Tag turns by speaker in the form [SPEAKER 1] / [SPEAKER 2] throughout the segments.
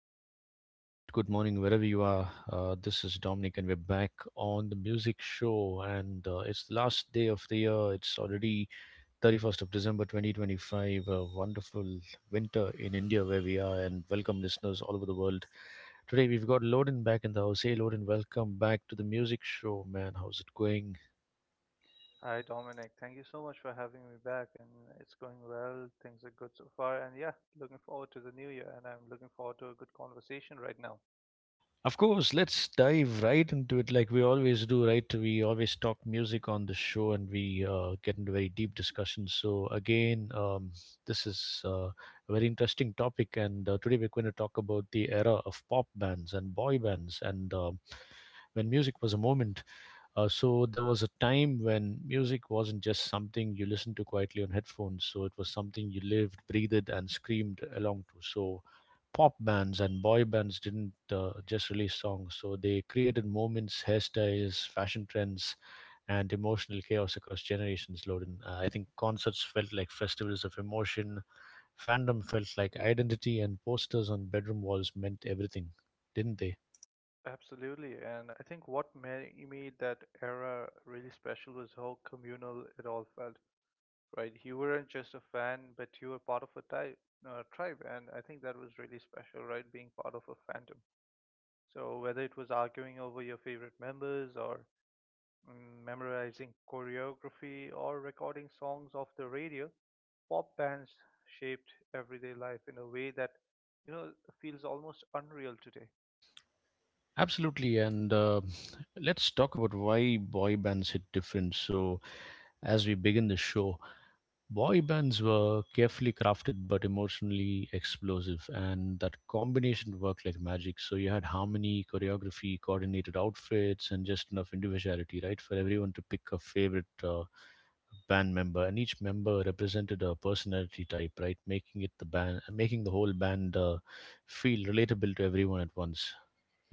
[SPEAKER 1] evening and good morning wherever you are. This is Dominic and we're back on the music show, and it's the last day of the year. It's already 31st of December 2025, a wonderful winter in India where we are, and welcome listeners all over the world. Today we've got Loden back in the house. Hey Loden, welcome back to the music show, man. How's it going?
[SPEAKER 2] Hi Dominic, thank you so much for having me back and it's going well. Things are good so far and yeah, looking forward to the new year and I'm looking forward to a good conversation right now.
[SPEAKER 1] Of course, let's dive right into it like we always do, right? We always talk music on the show, and we get into very deep discussions. So, again, this is a very interesting topic. And today we're going to talk about the era of pop bands and boy bands and when music was a moment. So there was a time when music wasn't just something you listened to quietly on headphones. So it was something you lived, breathed, and screamed along to. So pop bands and boy bands didn't just release songs. So they created moments, hairstyles, fashion trends, and emotional chaos across generations. Loden, I think concerts felt like festivals of emotion. Fandom felt like identity, and posters on bedroom walls meant everything, didn't they?
[SPEAKER 2] Absolutely. And I think what made that era really special was how communal it all felt, right? You weren't just a fan, but you were part of a type, tribe. And I think that was really special, right? Being part of a fandom. So whether it was arguing over your favorite members or memorizing choreography, or recording songs off the radio, pop bands shaped everyday life in a way that you know feels almost unreal today.
[SPEAKER 1] Absolutely, and let's talk about why boy bands hit different. So, as we begin the show, boy bands were carefully crafted but emotionally explosive, and that combination worked like magic. So, you had harmony, choreography, coordinated outfits, and just enough individuality, right, for everyone to pick a favorite band member, and each member represented a personality type, right, making it the band, making the whole band feel relatable to everyone at once,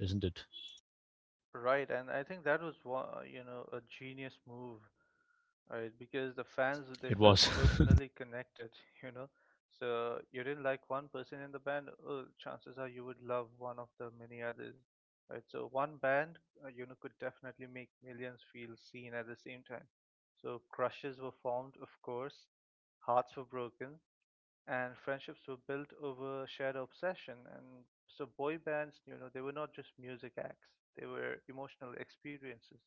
[SPEAKER 1] isn't it?
[SPEAKER 2] Right, and I think that was a genius move. Right, because the fans they
[SPEAKER 1] It
[SPEAKER 2] felt
[SPEAKER 1] was.
[SPEAKER 2] personally connected, you know. So you didn't like one person in the band, oh, chances are you would love one of the many others, right? So one band, could definitely make millions feel seen at the same time. So crushes were formed, of course, hearts were broken, and friendships were built over shared obsession. And so boy bands, they were not just music acts; they were emotional experiences.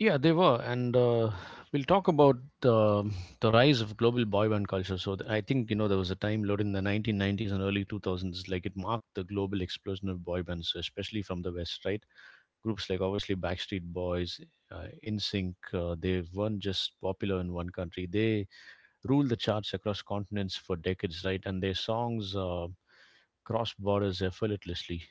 [SPEAKER 1] Yeah, they were, and we'll talk about the rise of global boy band culture. I think you know there was a time, Lord, in the 1990s and early 2000s, like it marked the global explosion of boy bands, especially from the West, right? Groups like obviously Backstreet Boys, In Sync. They weren't just popular in one country; they ruled the charts across continents for decades, right? And their songs crossed borders effortlessly.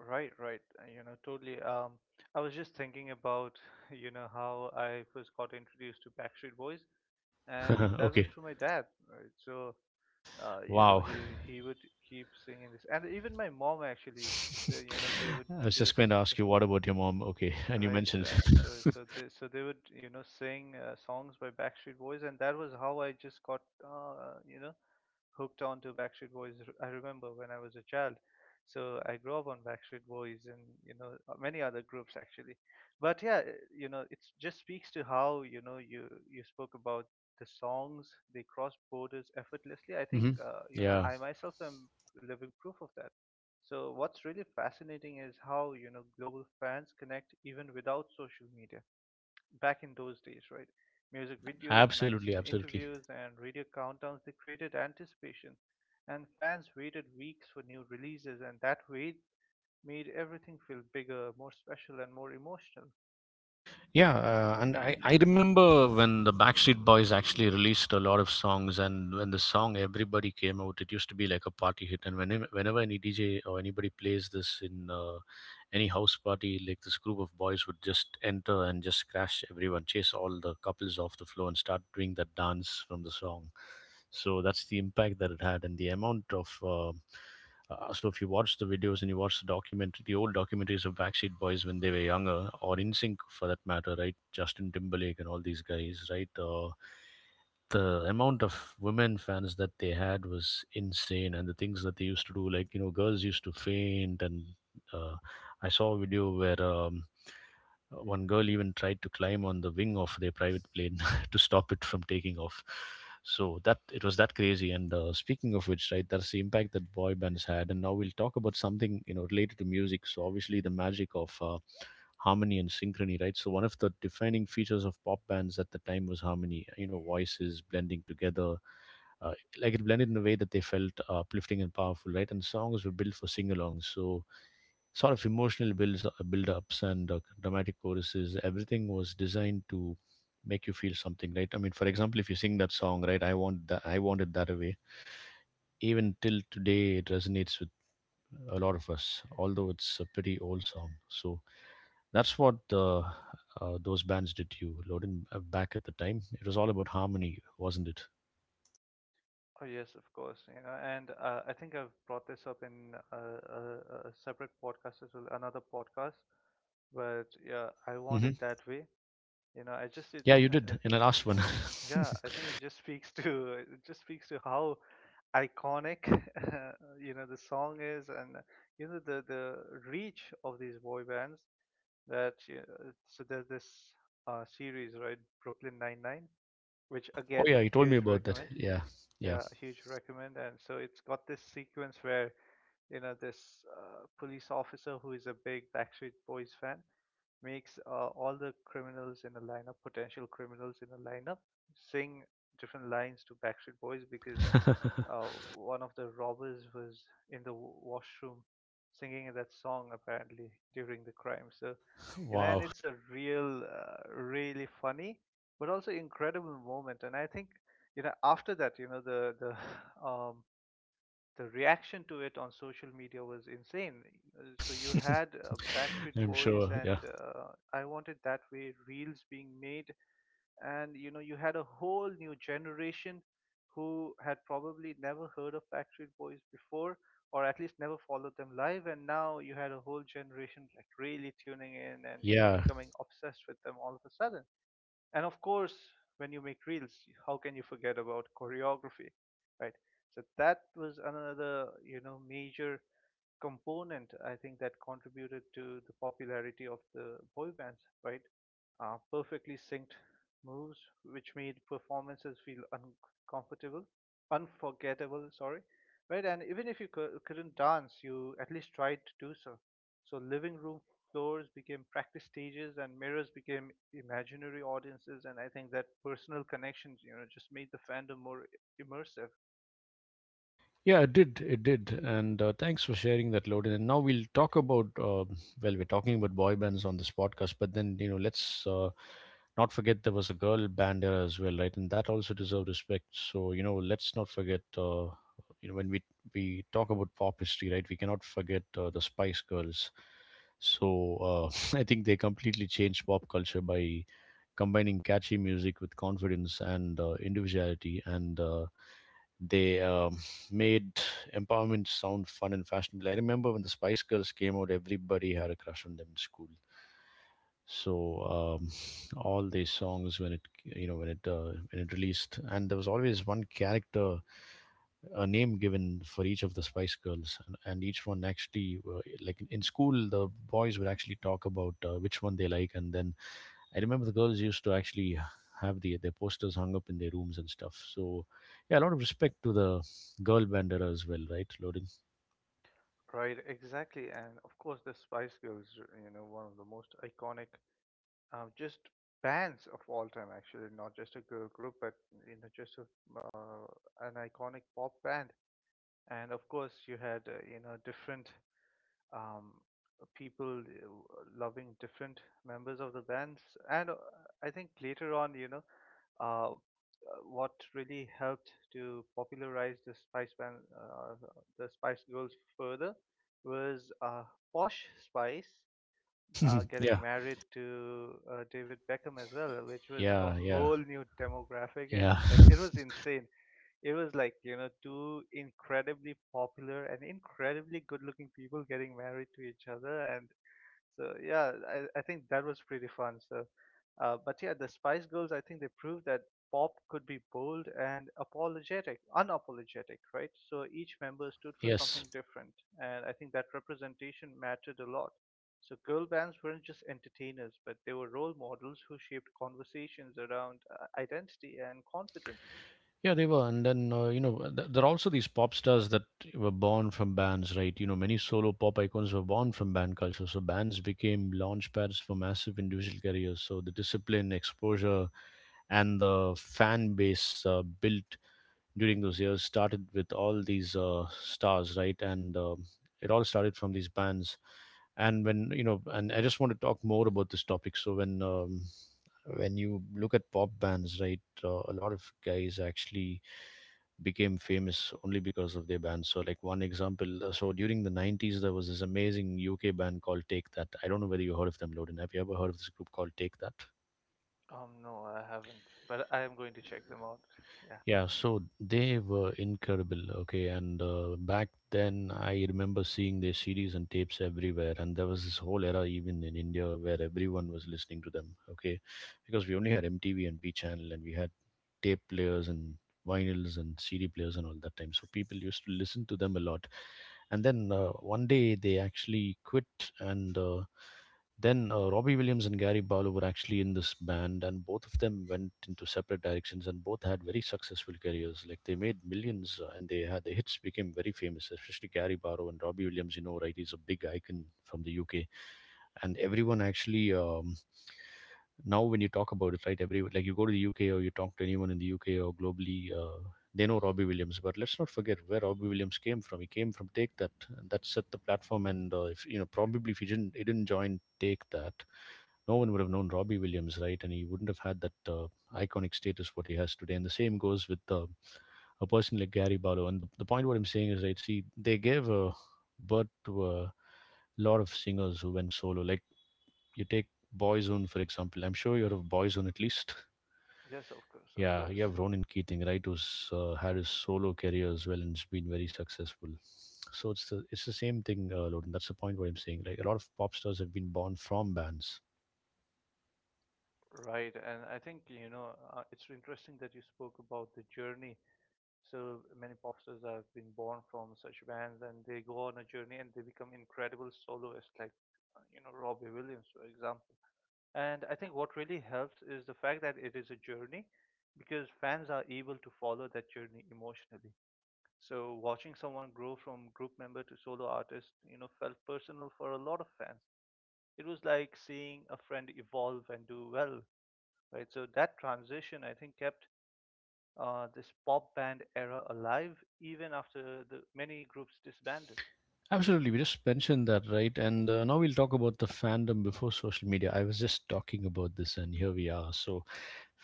[SPEAKER 2] Right, right. You know, totally. I was just thinking about, how I first got introduced to Backstreet Boys, and that was
[SPEAKER 1] Okay,
[SPEAKER 2] through my dad, right? So, uh, you know,
[SPEAKER 1] wow.
[SPEAKER 2] he he would keep singing this, and even my mom actually, they would
[SPEAKER 1] I was just
[SPEAKER 2] just,
[SPEAKER 1] going to ask you, what about your mom? Okay, and you
[SPEAKER 2] right? So,
[SPEAKER 1] mentioned.
[SPEAKER 2] so, so they so they would, sing songs by Backstreet Boys, and that was how I just got, hooked on to Backstreet Boys. I remember when I was a child, so I grew up on Backstreet Boys and many other groups actually. But yeah, it just speaks to how you spoke about the songs they cross borders effortlessly. I think
[SPEAKER 1] Hmm. Yeah,
[SPEAKER 2] I myself am living proof of that. So what's really fascinating is how global fans connect even without social media back in those days, right? Music videos,
[SPEAKER 1] absolutely,
[SPEAKER 2] magazine
[SPEAKER 1] absolutely.
[SPEAKER 2] interviews, and radio countdowns, they created anticipation. And fans waited weeks for new releases, and that wait made everything feel bigger, more special, and more emotional.
[SPEAKER 1] Yeah, and I remember when the Backstreet Boys actually released a lot of songs, and when the song Everybody came out, it used to be like a party hit. And whenever any DJ or anybody plays this in any house party, like this group of boys would just enter and just crash everyone, chase all the couples off the floor, and start doing that dance from the song. So that's the impact that it had, and the amount of. So if you watch the videos and you watch the documentary, the old documentaries of Backstreet Boys when they were younger, or In Sync for that matter, right? Justin Timberlake and all these guys, right? The amount of women fans that they had was insane, and the things that they used to do, like you know, girls used to faint. And uh, I saw a video where one girl even tried to climb on the wing of their private plane to stop it from taking off, so that it was that crazy. And speaking of which, right, that's the impact that boy bands had. And now we'll talk about something, you know, related to music. So obviously, the magic of harmony and synchrony, right? So one of the defining features of pop bands at the time was harmony. You know, voices blending together, uh, like it blended in a way that they felt uplifting and powerful, right? And songs were built for sing-alongs, so sort of emotional build-ups, and dramatic choruses. Everything was designed to make you feel something, right? I mean, for example, if you sing that song, right? I want that. I want it that way. Even till today, it resonates with a lot of us, although it's a pretty old song. So that's what the those bands did to you, Loden, back at the time. It was all about harmony, wasn't it?
[SPEAKER 2] Oh yes, of course. You know, and I think I've brought this up in a separate podcast as well, another podcast. But yeah, I want it
[SPEAKER 1] Hmm.
[SPEAKER 2] that way. You know I just it
[SPEAKER 1] Yeah, you did in the last one.
[SPEAKER 2] yeah
[SPEAKER 1] Oh
[SPEAKER 2] Yeah, I think it just speaks to it just speaks to how iconic the song is, and the reach of these boy bands that you so there's this series, right? Brooklyn Nine Nine, which again
[SPEAKER 1] yeah, you told me
[SPEAKER 2] huge
[SPEAKER 1] about that.
[SPEAKER 2] recommend.
[SPEAKER 1] Yeah, yeah.
[SPEAKER 2] Yeah, huge recommend, and so it's got this sequence where this police officer who is a big Backstreet Boys fan makes all the criminals in a lineup, potential criminals in a lineup, sing different lines to Backstreet Boys because one of the robbers was in the washroom singing that song apparently during the crime. So, and
[SPEAKER 1] Wow.
[SPEAKER 2] it's a real, really funny, but also incredible moment. And I think, after that, the the reaction to it on social media was insane. So you had Backstreet
[SPEAKER 1] I'm
[SPEAKER 2] Boys
[SPEAKER 1] sure.
[SPEAKER 2] and
[SPEAKER 1] Yeah,
[SPEAKER 2] I Want It That Way reels being made, and you had a whole new generation who had probably never heard of Backstreet Boys before, or at least never followed them live, and now you had a whole generation like really tuning in and
[SPEAKER 1] yeah.
[SPEAKER 2] becoming obsessed with them all of a sudden. And of course, when you make reels, how can you forget about choreography, right? So that was another major component I think that contributed to the popularity of the boy bands, right? Perfectly synced moves, which made performances feel uncomfortable, unforgettable, sorry, right? And even if you couldn't dance, you at least tried to do so. So living room floors became practice stages, and mirrors became imaginary audiences. And I think that personal connections, just made the fandom more immersive.
[SPEAKER 1] Yeah, it did. It did. And thanks for sharing that, Loden. And now we'll talk about, well, we're talking about boy bands on this podcast, but then, you know, let's not forget there was a girl band there as well, right? And that also deserved respect. So, you know, let's not forget, you know, when we talk about pop history, right, we cannot forget the Spice Girls. So I think they completely changed pop culture by combining catchy music with confidence and individuality. And they made empowerment sound fun and fashionable. I remember when the Spice Girls came out, everybody had a crush on them in school. So all these songs when it you know when it released, and there was always one character, a name given for each of the Spice Girls, and each one actually, like in school, the boys would actually talk about which one they like, and then I remember the girls used to actually have their posters hung up in their rooms and stuff. So, yeah, a lot of respect to the girl bandera as well, right, Loading?
[SPEAKER 2] Right, exactly. And of course, the Spice Girls, one of the most iconic, just bands of all time, actually, not just a girl group, but, just a, uh, an iconic pop band. And of course, you had, different um, people loving different members of the bands. And I think later on, uh, uh, what really helped to popularize the Spice Band, the Spice Girls further, was Posh Spice getting
[SPEAKER 1] Yeah,
[SPEAKER 2] married to David Beckham as well, which was a
[SPEAKER 1] yeah, yeah,
[SPEAKER 2] whole new demographic and
[SPEAKER 1] yeah.
[SPEAKER 2] like it was insane. It was like two incredibly popular and incredibly good looking people getting married to each other. And so yeah, I think that was pretty fun. So but yeah, the Spice Girls, I think they proved that pop could be bold and apologetic, unapologetic, right? So each member stood for
[SPEAKER 1] Yes.
[SPEAKER 2] something different, and I think that representation mattered a lot. So girl bands weren't just entertainers, but they were role models who shaped conversations around identity and confidence.
[SPEAKER 1] Yeah, they were. And then, you know, there are also these pop stars that were born from bands, right? You know, many solo pop icons were born from band culture. So bands became launch pads for massive individual careers. So the discipline, exposure, and the fan base built during those years started with all these stars, right? And it all started from these bands. And when you know, and I just want to talk more about this topic. So when you look at pop bands, right, a lot of guys actually became famous only because of their bands. So like one example, so during the '90s, there was this amazing UK band called Take That. I don't know whether you heard of them, Loden. Have you ever heard of this group called Take That?
[SPEAKER 2] No, I haven't, but I am going to check them out. Yeah.
[SPEAKER 1] Yeah, so they were incredible. Okay, and back then I remember seeing their CDs and tapes everywhere, and there was this whole era, even in India, where everyone was listening to them. Okay, because we only had MTV and V Channel, and we had tape players and vinyls and CD players and all that time. So people used to listen to them a lot. And then one day they actually quit, and then Robbie Williams and Gary Barlow were actually in this band, and both of them went into separate directions, and both had very successful careers. Like they made millions, and they had the hits became very famous, especially Gary Barlow and Robbie Williams. You know, right? He's a big icon from the UK, and everyone actually. Now when you talk about it, right, every, like you go to the UK or you talk to anyone in the UK or globally, they know Robbie Williams. But let's not forget where Robbie Williams came from. He came from Take That, and that set the platform. And if you know, probably if he didn't, he didn't join Take That, no one would have known Robbie Williams, right? And he wouldn't have had that iconic status what he has today. And the same goes with a person like Gary Barlow. And the point what I'm saying is, right, see, they gave a birth to a lot of singers who went solo, like you take Boyzone for example. I'm sure you're of Boyzone at least.
[SPEAKER 2] Yes, of course, of
[SPEAKER 1] Yeah,
[SPEAKER 2] course.
[SPEAKER 1] you have Ronan Keating, right? Who's had
[SPEAKER 2] Hmm.
[SPEAKER 1] his solo career as well and has been very successful. So it's the same thing, Loden. That's the point what I'm saying. Like a lot of pop stars have been born from bands.
[SPEAKER 2] Right, and I think it's interesting that you spoke about the journey. So many pop stars have been born from such bands, and they go on a journey and they become incredible soloists, like Robbie Williams, for example. And I think what really helps is the fact that it is a journey, because fans are able to follow that journey emotionally. So watching someone grow from group member to solo artist, felt personal for a lot of fans. It was like seeing a friend evolve and do well, right? So that transition, I think, kept this pop band era alive even after the many groups disbanded.
[SPEAKER 1] Absolutely, we just mentioned that, right? And now we'll talk about the fandom before social media. I was just talking about this, and here we are. So,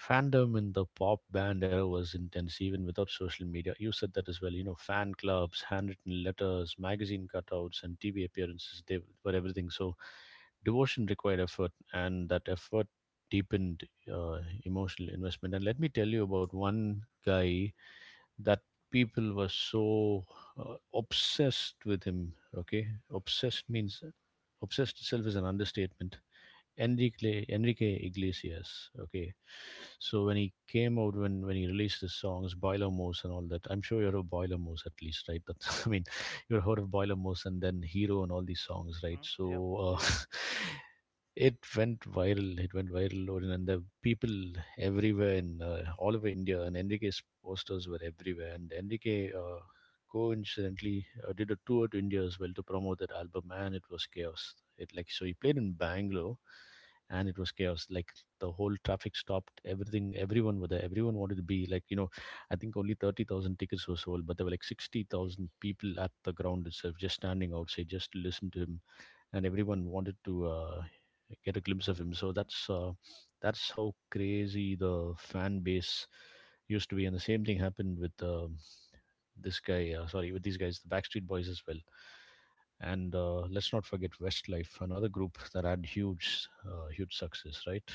[SPEAKER 1] fandom in the pop band era was intense, even without social media. You said that as well. You know, fan clubs, handwritten letters, magazine cutouts, and TV appearances, they were everything. So, devotion required effort, and that effort deepened uh, emotional investment. And let me tell you about one guy that people were so obsessed with him. Okay, obsessed means obsessed itself is an understatement. Enrique Iglesias. Okay, so when he came out, when he released his songs, Boilermos and all that, I'm sure you're a Boilermos at least, right? That I mean, you've heard of Boilermos and then Hero and all these songs, right?
[SPEAKER 2] Hmm. Yep.
[SPEAKER 1] So
[SPEAKER 2] Yeah.
[SPEAKER 1] It went viral. It went viral, Orin, and the people everywhere in all over India, and Enrique's posters were everywhere. And Enrique, coincidentally, did a tour to India as well to promote that album, and it was chaos. It like So he played in Bangalore, and it was chaos. Like the whole traffic stopped. Everything, everyone were there. Everyone wanted to be like. I think only 30,000 tickets were sold, but there were like 60,000 people at the ground itself, just standing outside, just to listen to him, and everyone wanted to get a glimpse of him. So that's how crazy the fan base used to be, and the same thing happened with this guy. Sorry, with these guys, the Backstreet Boys as well. And let's not forget Westlife, another group that had huge, huge success, right?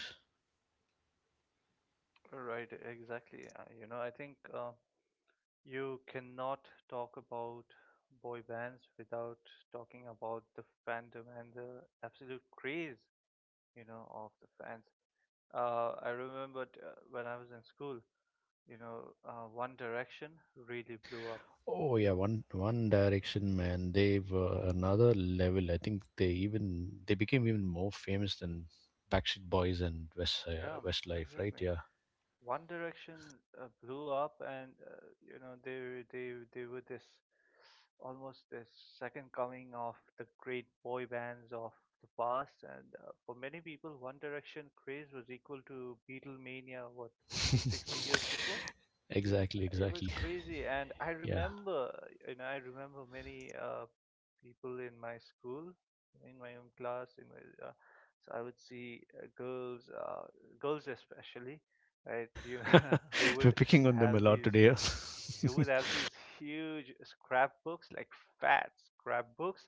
[SPEAKER 2] Right. Exactly. You know, I think you cannot talk about boy bands without talking about the fandom and the absolute craze, of the fans. I remember when I was in school, One Direction really blew up,
[SPEAKER 1] Oh yeah,
[SPEAKER 2] right?
[SPEAKER 1] One Direction man, they were another level. I think they became even more famous than Backstreet Boys and
[SPEAKER 2] Yeah,
[SPEAKER 1] Westlife, right?
[SPEAKER 2] exactly.
[SPEAKER 1] Yeah.
[SPEAKER 2] One Direction blew up, and they were this almost this second coming of the great boy bands of the past. And for many people, One Direction craze was equal to Beatlemania, what 50, 60 years before.
[SPEAKER 1] Exactly,
[SPEAKER 2] It was
[SPEAKER 1] exactly.
[SPEAKER 2] crazy, and I
[SPEAKER 1] Yeah.
[SPEAKER 2] remember I remember many people in my school, in my own class, in my so I would see girls especially, right?
[SPEAKER 1] We're picking on them a
[SPEAKER 2] Have
[SPEAKER 1] lot
[SPEAKER 2] these
[SPEAKER 1] today.
[SPEAKER 2] who would have these huge scrapbooks, like fat scrapbooks,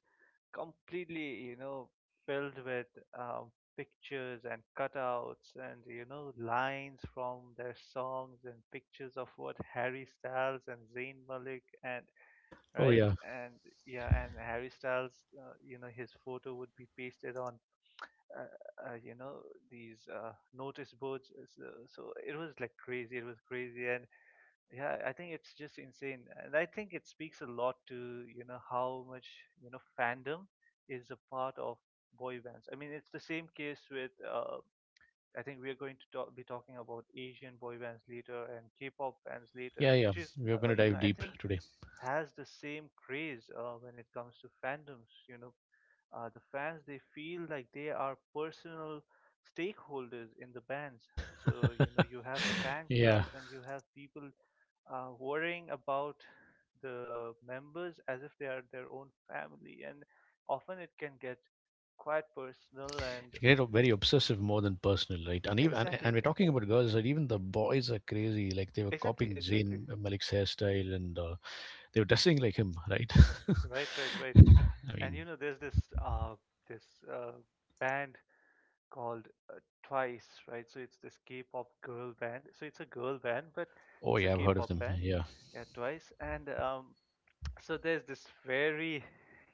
[SPEAKER 2] completely, filled with um, pictures and cutouts and, lines from their songs and pictures of what Harry Styles and Zayn Malik and,
[SPEAKER 1] Oh
[SPEAKER 2] right?
[SPEAKER 1] yeah.
[SPEAKER 2] And yeah, and Harry Styles, his photo would be pasted on, uh, uh, you know, these notice boards. So, so it was like crazy. It was crazy. And yeah, I think it's just insane, and I think it speaks a lot to how much fandom is a part of boy bands. I mean, it's the same case with I think we are going to be talking about Asian boy bands later and K-pop bands later,
[SPEAKER 1] Yeah, yeah.
[SPEAKER 2] which is
[SPEAKER 1] We're going to dive
[SPEAKER 2] I
[SPEAKER 1] deep
[SPEAKER 2] think
[SPEAKER 1] today.
[SPEAKER 2] has the same craze when it comes to fandoms, the fans they feel like they are personal stakeholders in the bands. So you have fan
[SPEAKER 1] Yeah.
[SPEAKER 2] clubs and you have people worrying about the members as if they are their own family, and often it can get quite personal and
[SPEAKER 1] It can get very obsessive more than personal, right? And even and,
[SPEAKER 2] exactly,
[SPEAKER 1] and we're talking about girls that even the boys are crazy. Like they were
[SPEAKER 2] exactly,
[SPEAKER 1] copying
[SPEAKER 2] exactly.
[SPEAKER 1] Zayn Malik's hairstyle and they were dressing like him, right?
[SPEAKER 2] Right, right, right.
[SPEAKER 1] I
[SPEAKER 2] And
[SPEAKER 1] mean,
[SPEAKER 2] there's this this uh, band called Twice, right? So it's this K-pop girl band. So it's a girl band, but
[SPEAKER 1] oh
[SPEAKER 2] it's a
[SPEAKER 1] yeah, I've heard of
[SPEAKER 2] K-pop
[SPEAKER 1] them.
[SPEAKER 2] band.
[SPEAKER 1] Yeah.
[SPEAKER 2] Yeah, Twice. And so there's this very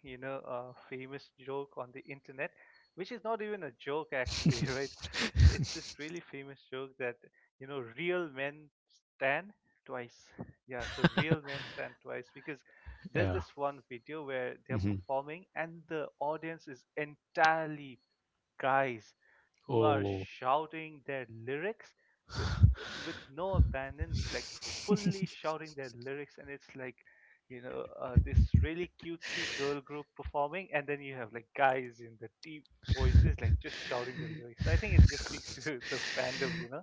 [SPEAKER 2] famous joke on the internet, which is not even a joke actually, right? It's this really famous joke that real men stand twice. Yeah, so real men stand twice because there's
[SPEAKER 1] yeah.
[SPEAKER 2] this one video where they're
[SPEAKER 1] hmm
[SPEAKER 2] performing and the audience is entirely guys who are
[SPEAKER 1] Oh,
[SPEAKER 2] shouting their lyrics with no abandon, like fully shouting their lyrics, and it's like this really cutesy girl group performing, and then you have like guys in the deep voices like just shouting the lyrics. So I think it just speaks to the fandom,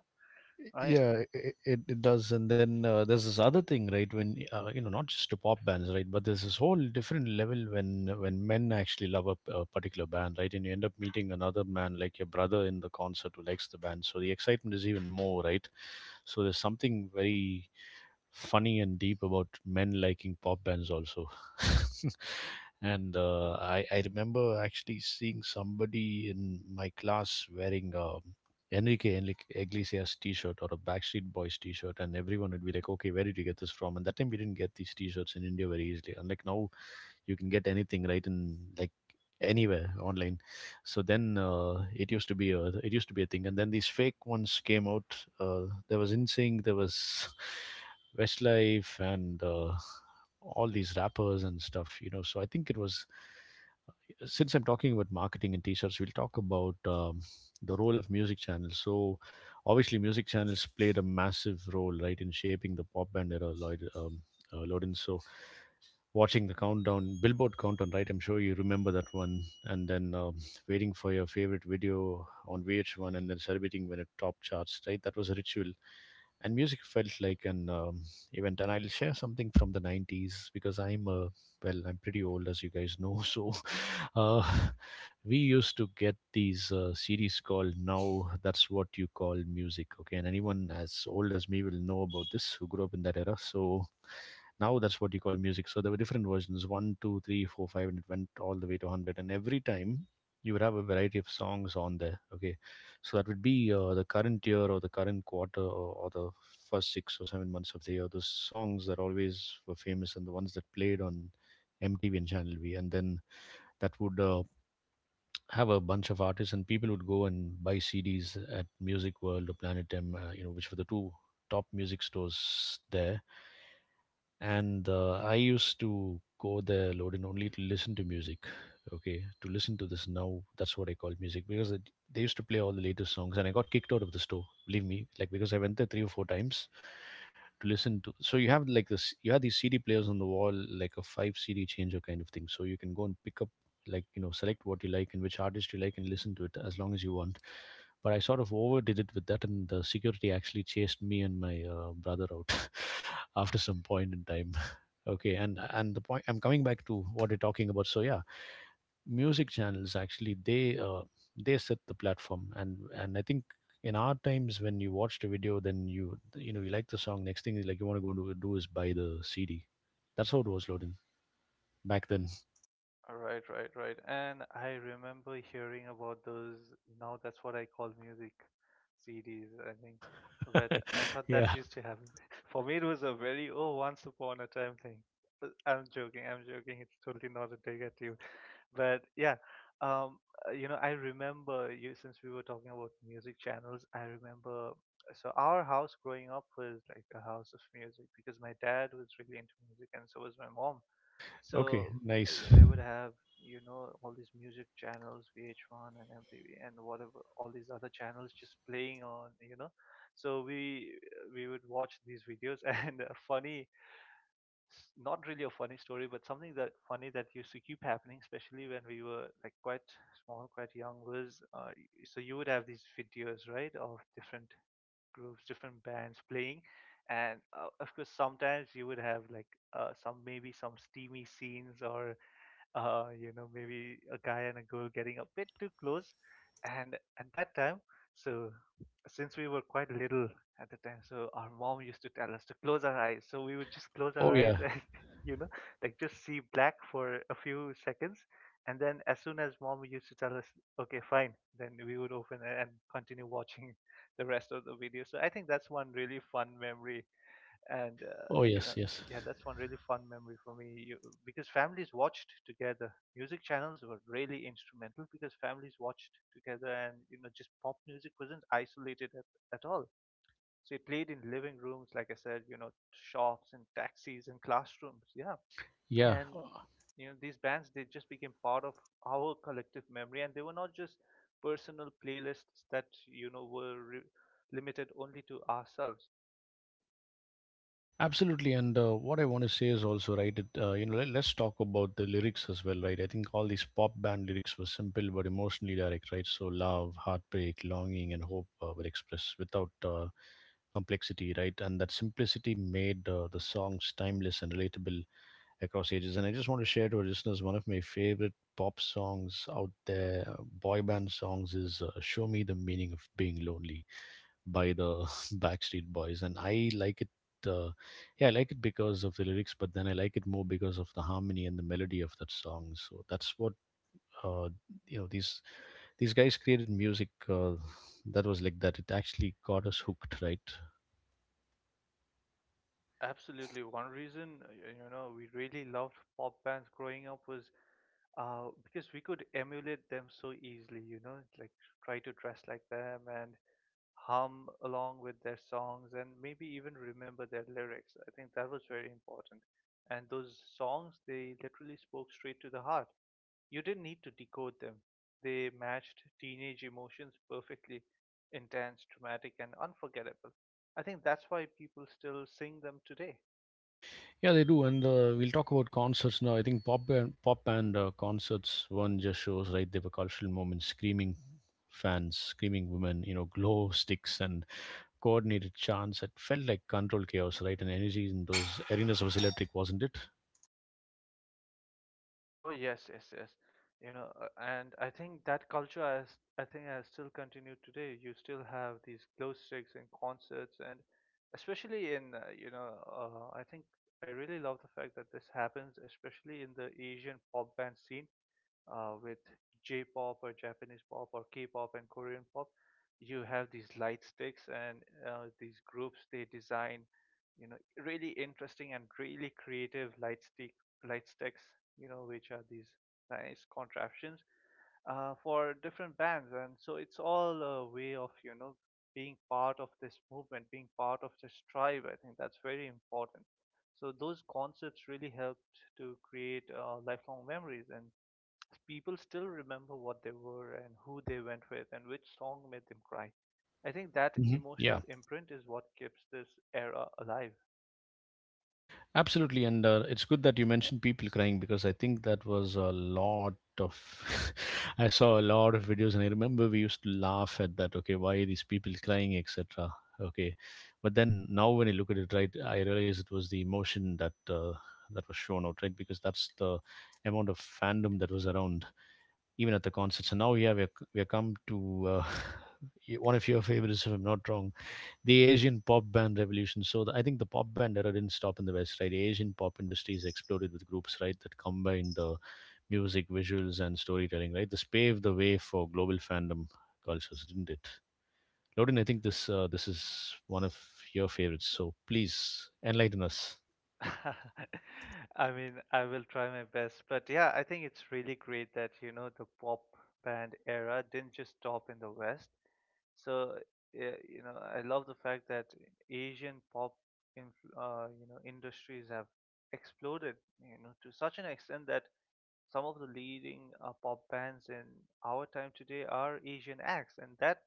[SPEAKER 2] right?
[SPEAKER 1] yeah it does, and then there's this other thing, right? When you know, not just to pop bands, right? But there's this whole different level when men actually love a particular band, right? And you end up meeting another man like your brother in the concert who likes the band, so the excitement is even more, right? So there's something very funny and deep about men liking pop bands also. And I remember actually seeing somebody in my class wearing a Enrique Iglesias T-shirt or a Backstreet Boys T-shirt, and everyone would be like, "Okay, where did you get this from?" And that time we didn't get these T-shirts in India very easily. Unlike now, you can get anything, right? In like anywhere online. So then it used to be a it used to be a thing, and then these fake ones came out. There was insync there was Westlife, and all these rappers and stuff, you know. So I think it was since I'm talking about marketing and T-shirts, we'll talk about the role of music channels. So obviously music channels played a massive role, right, in shaping the pop band era. Lloyd Lodin. So watching the countdown, Billboard countdown, right? I'm sure you remember that one. And then waiting for your favorite video on VH1 and then celebrating when it topped charts, right? That was a ritual. And music felt like an event. And I'll share something from the 90s because well, I'm pretty old, as you guys know. So uh, we used to get these series called Now That's What You Call Music. Okay. And anyone as old as me will know about this who grew up in that era. So Now That's What You Call Music. So there were different versions, 1, 2, 3, 4, 5, and it went all the way to 100. And every time you would have a variety of songs on there. Okay, so that would be the current year or the current quarter, or the first 6 or 7 months of the year, those songs that always were famous and the ones that played on MTV and Channel V. And then that would have a bunch of artists, and people would go and buy CDs at Music World or Planet M, you know, which were the two top music stores there. And I used to go there, loading only to listen to music. Okay, to listen to this Now That's What I Call Music, because they used to play all the latest songs. And I got kicked out of the store, believe me, like, because I went there three or four times to listen to. So you have like this, you have these CD players on the wall, like a five CD changer kind of thing, so you can go and pick up, like, you know, select what you like and which artist you like and listen to it as long as you want. But I sort of overdid it with that, and the security actually chased me and my brother out after some point in time. Okay, and the point I'm coming back to what we are talking about. So yeah, music channels actually, they set the platform. And I think in our times, when you watched a video, then you know, you like the song. Next thing, like, you want to go do is buy the CD. That's how it was, loading back then.
[SPEAKER 2] Right, right, right. And I remember hearing about those. Now that's what I call music CDs, I think. But I thought that
[SPEAKER 1] Yeah.
[SPEAKER 2] used to happen. For me, it was a very, oh, once upon a time thing. But I'm joking, I'm joking. It's totally not a dig at you. But yeah, um, you know, I remember you, since we were talking about music channels, I remember. So our house growing up was like a house of music because my dad was really into music and so was my mom,
[SPEAKER 1] Okay.
[SPEAKER 2] so
[SPEAKER 1] Nice.
[SPEAKER 2] they would have, you know, all these music channels, VH1 and MTV and whatever, all these other channels just playing on, you know. So we would watch these videos and a funny, not really a funny story, but something that funny that used to keep happening, especially when we were like quite small, quite young, was so you would have these videos, right, of different groups, different bands playing, and of course sometimes you would have like some, maybe some steamy scenes or, you know, maybe a guy and a girl getting a bit too close. And at that time, so since we were quite little at the time, so our mom used to tell us to close our eyes. So we would just close our
[SPEAKER 1] Oh
[SPEAKER 2] eyes
[SPEAKER 1] yeah.
[SPEAKER 2] and, you know, like just see black for a few seconds. And then as soon as mom used to tell us, okay, fine, then we would open it and continue watching the rest of the video. So I think that's one really fun memory, and uh,
[SPEAKER 1] Oh
[SPEAKER 2] you know
[SPEAKER 1] yes. Yes.
[SPEAKER 2] yeah, that's one really fun memory for me, you, because families watched together. Music channels were really instrumental because families watched together, and you know, just pop music wasn't isolated at all. So it played in living rooms, like I said, you know, shops and taxis and classrooms, yeah.
[SPEAKER 1] Yeah.
[SPEAKER 2] And you know, these bands, they just became part of our collective memory, and they were not just personal playlists that, you know, were limited only to ourselves.
[SPEAKER 1] Absolutely, and what I want to say is also right. You know, let us talk about the lyrics as well, right? I think all these pop band lyrics were simple but emotionally direct, right? So love, heartbreak, longing, and hope were expressed without complexity, right? And that simplicity made the songs timeless and relatable across ages. And I just want to share to our listeners one of my favorite pop songs out there, boy band songs, is "Show Me the Meaning of Being Lonely" by the Backstreet Boys, and I like it. Uh, yeah, I like it because of the lyrics, but then I like it more because of the harmony and the melody of that song. So that's what uh, you know, these guys created music that was like that. It actually got us hooked, right?
[SPEAKER 2] Absolutely. One reason, you know, we really loved pop bands growing up was because we could emulate them so easily, you know, like try to dress like them and hum along with their songs and maybe even remember their lyrics. I think that was very important. And those songs, they literally spoke straight to the heart. You didn't need to decode them. They matched teenage emotions perfectly, intense, dramatic, and unforgettable. I think that's why people still sing them today.
[SPEAKER 1] Yeah, they do. And we'll talk about concerts now. I think pop and pop and concerts, one just shows, right? They were cultural moments, screaming fans, screaming women, you know, glow sticks and coordinated chance. It felt like controlled chaos, right? And energy in those arenas was electric, wasn't it?
[SPEAKER 2] Oh yes, yes, yes. You know, and I think that culture has, I think, has still continued today. You still have these glow sticks and concerts, and especially in, you know, I think I really love the fact that this happens, especially in the Asian pop band scene, with J-pop or Japanese pop or K-pop and Korean pop. You have these light sticks, and these groups, they design, you know, really interesting and really creative light sticks, you know, which are these nice contraptions for different bands, and so it's all a way of, you know, being part of this movement, being part of this tribe. I think that's very important. So those concepts really helped to create lifelong memories, and people still remember what they were and who they went with and which song made them cry. I think that
[SPEAKER 1] Hmm
[SPEAKER 2] emotional
[SPEAKER 1] Yeah,
[SPEAKER 2] imprint is what keeps this era alive.
[SPEAKER 1] absolutely. And it's good that you mentioned people crying, because I think that was a lot of. I saw a lot of videos, and I remember we used to laugh at that. Okay, why are these people crying, etc. Okay, but then now when you look at it, right, I realize it was the emotion that that was shown out, right? Because that's the amount of fandom that was around even at the concerts. And now, yeah, we're come to one of your favorites, if I'm not wrong, the Asian pop band revolution. So the, I think the pop band era didn't stop in the West, right? The Asian pop industry has exploded with groups, right, that combine the music, visuals, and storytelling, right? This paved the way for global fandom cultures, didn't it? Loden, I think this is one of your favorites. So please enlighten us.
[SPEAKER 2] I mean, I will try my best, but yeah, I think it's really great that you know the pop band era didn't just stop in the West. So, yeah, you know, I love the fact that Asian pop in, you know, industries have exploded, you know, to such an extent that some of the leading pop bands in our time today are Asian acts, and that,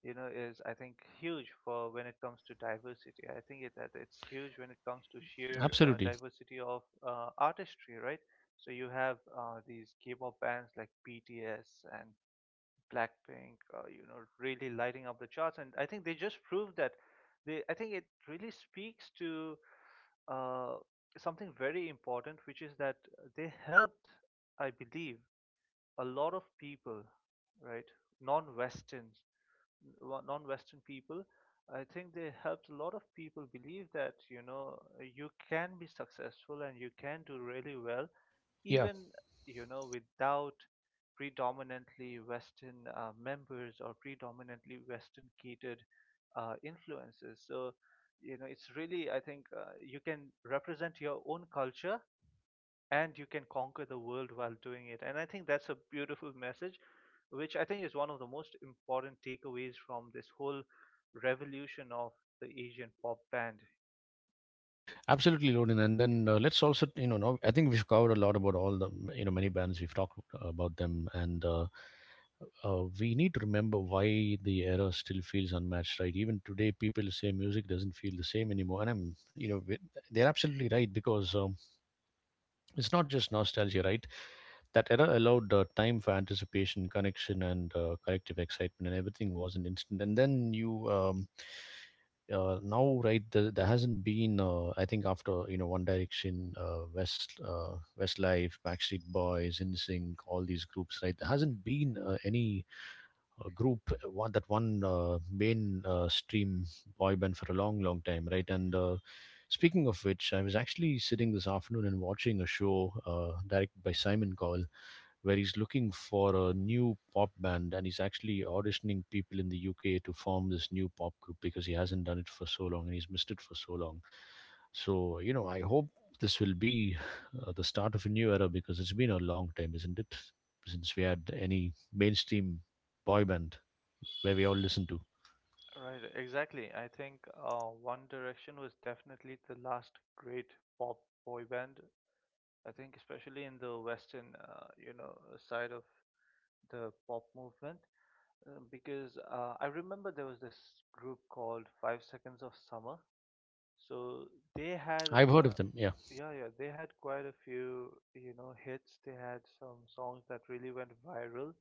[SPEAKER 2] you know, is I think huge for when it comes to diversity. I think it, that it's huge when it comes to sheer
[SPEAKER 1] Absolutely,
[SPEAKER 2] diversity of artistry, right? So you have these K-pop bands like BTS and Blackpink, you know, really lighting up the charts, and I think they just proved that. They, I think it really speaks to uh, something very important, which is that they helped, I believe, a lot of people, right, non-Western, non-Western people. I think they helped a lot of people believe that, you know, you can be successful and you can do really well,
[SPEAKER 1] yeah.
[SPEAKER 2] even, you know, without predominantly Western members or predominantly Western catered influences. So, you know, it's really, I think, you can represent your own culture and you can conquer the world while doing it. And I think that's a beautiful message, which I think is one of the most important takeaways from this whole revolution of the Asian pop band.
[SPEAKER 1] Absolutely, Loden. And then let's also, you know- I think we've covered a lot about all the, you know, many bands. We've talked about them, and we need to remember why the era still feels unmatched, right? Even today, people say music doesn't feel the same anymore, and I'm, you know, we- they're absolutely right. Because it's not just nostalgia, right? That era allowed time for anticipation, connection, and collective excitement, and everything was an instant. And then you, now, right, there hasn't been, I think, after, you know, One Direction, Westlife, Backstreet Boys, NSYNC, all these groups, right? There hasn't been any group one that one main stream boy band for a long time, right? and Speaking of which, I was actually sitting this afternoon and watching a show directed by Simon Cowell, where he's looking for a new pop band, and he's actually auditioning people in the UK to form this new pop group because he hasn't done it for so long and he's missed it for so long. So you know, I hope this will be the start of a new era, because it's been a long time, isn't it, since we had any mainstream boy band where we all listen to.
[SPEAKER 2] Right, exactly. I think One Direction was definitely the last great pop boy band. I think especially in the Western, you know, side of the pop movement, because I remember there was this group called Five Seconds of Summer. So they had,
[SPEAKER 1] I've heard of
[SPEAKER 2] uh,
[SPEAKER 1] them. Yeah,
[SPEAKER 2] yeah, yeah, they had quite a few, you know, hits. They had some songs that really went viral.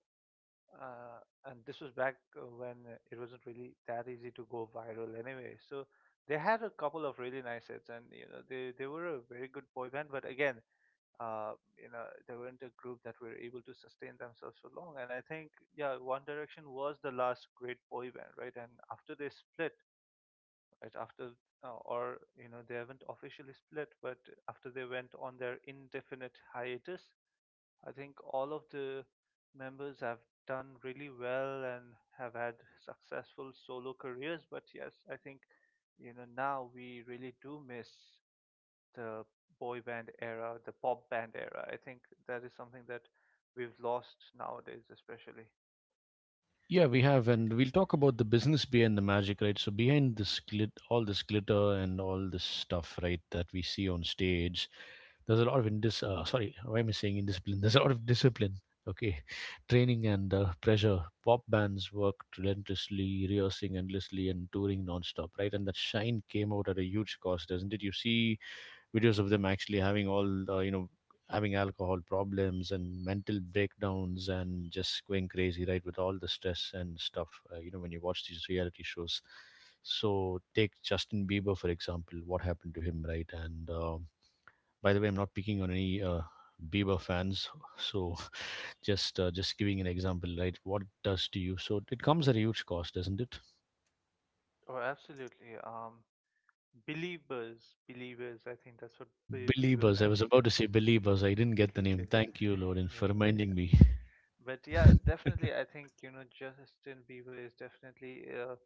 [SPEAKER 2] Uh, and this was back when it wasn't really that easy to go viral anyway. So they had a couple of really nice hits, and you know, they were a very good boy band. But again, you know, they weren't a group that were able to sustain themselves for long. And I think, yeah, One Direction was the last great boy band, right? And after they split, right after, or you know, they haven't officially split, but after they went on their indefinite hiatus, I think all of the members have done really well and have had successful solo careers. But yes, I think, you know, now we really do miss the boy band era, the pop band era. I think that is something that we've lost nowadays, especially.
[SPEAKER 1] yeah, we have, and we'll talk about the business behind the magic, right? So behind this all this glitter and all this stuff, right, that we see on stage, there's a lot of indis. Sorry, why am I saying indiscipline? There's a lot of discipline. Okay, training and pressure. Pop bands worked relentlessly, rehearsing endlessly, and touring nonstop, right? And that shine came out at a huge cost, doesn't it? You see videos of them actually having all the, having alcohol problems and mental breakdowns and just going crazy, right, with all the stress and stuff. You know, when you watch these reality shows, so take Justin Bieber for example. What happened to him, right? and By the way, I'm not picking on any Bieber fans. So just giving an example, right, what it does to you. So it comes at a huge cost, doesn't it?
[SPEAKER 2] Oh absolutely. Believers, believers, I think that's what, Bieber
[SPEAKER 1] Believers, I was
[SPEAKER 2] fans,
[SPEAKER 1] about
[SPEAKER 2] yeah.
[SPEAKER 1] to say believers. I didn't get the
[SPEAKER 2] Believe
[SPEAKER 1] name.
[SPEAKER 2] is,
[SPEAKER 1] Thank you, Lauren,
[SPEAKER 2] yeah.
[SPEAKER 1] for
[SPEAKER 2] Right.
[SPEAKER 1] reminding me.
[SPEAKER 2] But yeah, definitely I think, you know, Justin Bieber is definitely a,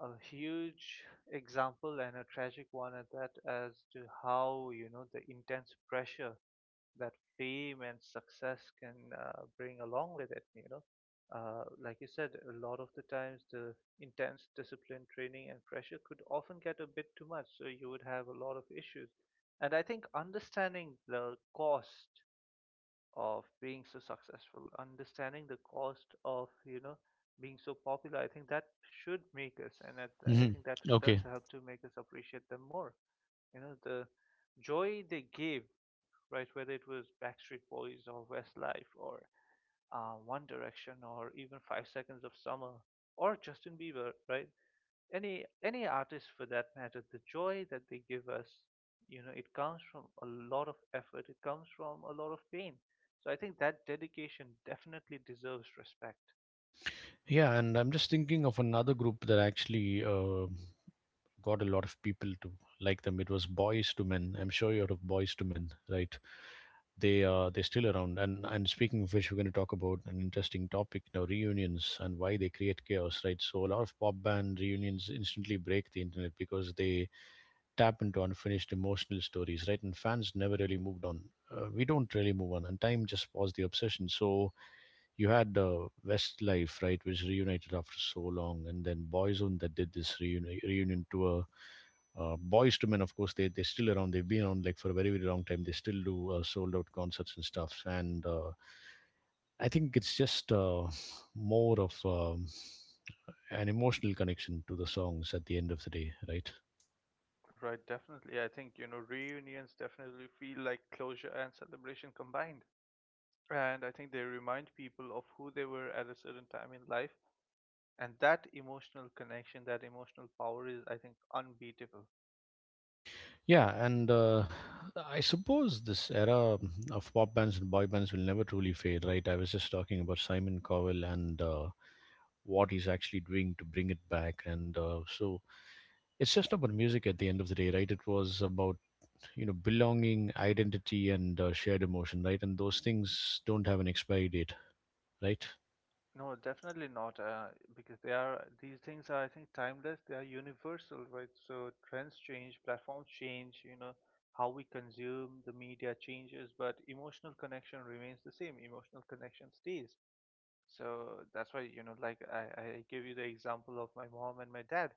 [SPEAKER 2] a huge example, and a tragic one at that, as to how, you know, the intense pressure that fame and success can bring along with it, you know. Like you said, a lot of the times the intense discipline, training, and pressure could often get a bit too much, so you would have a lot of issues. And I think understanding the cost of being so successful, understanding the cost of, you know, being so popular, I think that should make us, and that, I
[SPEAKER 1] Mhm.
[SPEAKER 2] think that does
[SPEAKER 1] Okay.
[SPEAKER 2] help to make us appreciate them more. You know, the joy they gave, right, whether it was Backstreet Boys or Westlife or One Direction or even Five Seconds of Summer or Justin Bieber, right? Any artist, for that matter, the joy that they give us, you know, it comes from a lot of effort, it comes from a lot of pain. So I think that dedication definitely deserves respect.
[SPEAKER 1] Yeah, and I'm just thinking of another group that actually got a lot of people to like them. It was Boys to Men. I'm sure you're of Boys to Men, right? They they're still around. And speaking of which, we're going to talk about an interesting topic now: reunions and why they create chaos, right? So a lot of pop band reunions instantly break the internet because they tap into unfinished emotional stories, right? And fans never really moved on. We don't really move on, and time just paused the obsession. So you had Westlife, right, which reunited after so long, and then Boyzone that did this reunion tour. Boys to Men, of course, they're still around. They've been around like for a very long time. They still do sold out concerts and stuff. And I think it's just more of an emotional connection to the songs at the end of the day, right?
[SPEAKER 2] Right, definitely. I think, you know, reunions definitely feel like closure and celebration combined. And I think they remind people of who they were at a certain time in life. And that emotional connection, that emotional power is, I think, unbeatable.
[SPEAKER 1] Yeah, and I suppose this era of pop bands and boy bands will never truly fade, right? I was just talking about Simon Cowell and what he's actually doing to bring it back, and so it's just about music at the end of the day, right? It was about, you know, belonging, identity, and shared emotion, right? And those things don't have an expiry date, right?
[SPEAKER 2] No, definitely not, because they are, these things are, I think, timeless. They are universal, right? So trends change, platforms change, you know, how we consume the media changes, but emotional connection remains the same. Emotional connection stays. So that's why, you know, like I give you the example of my mom and my dad.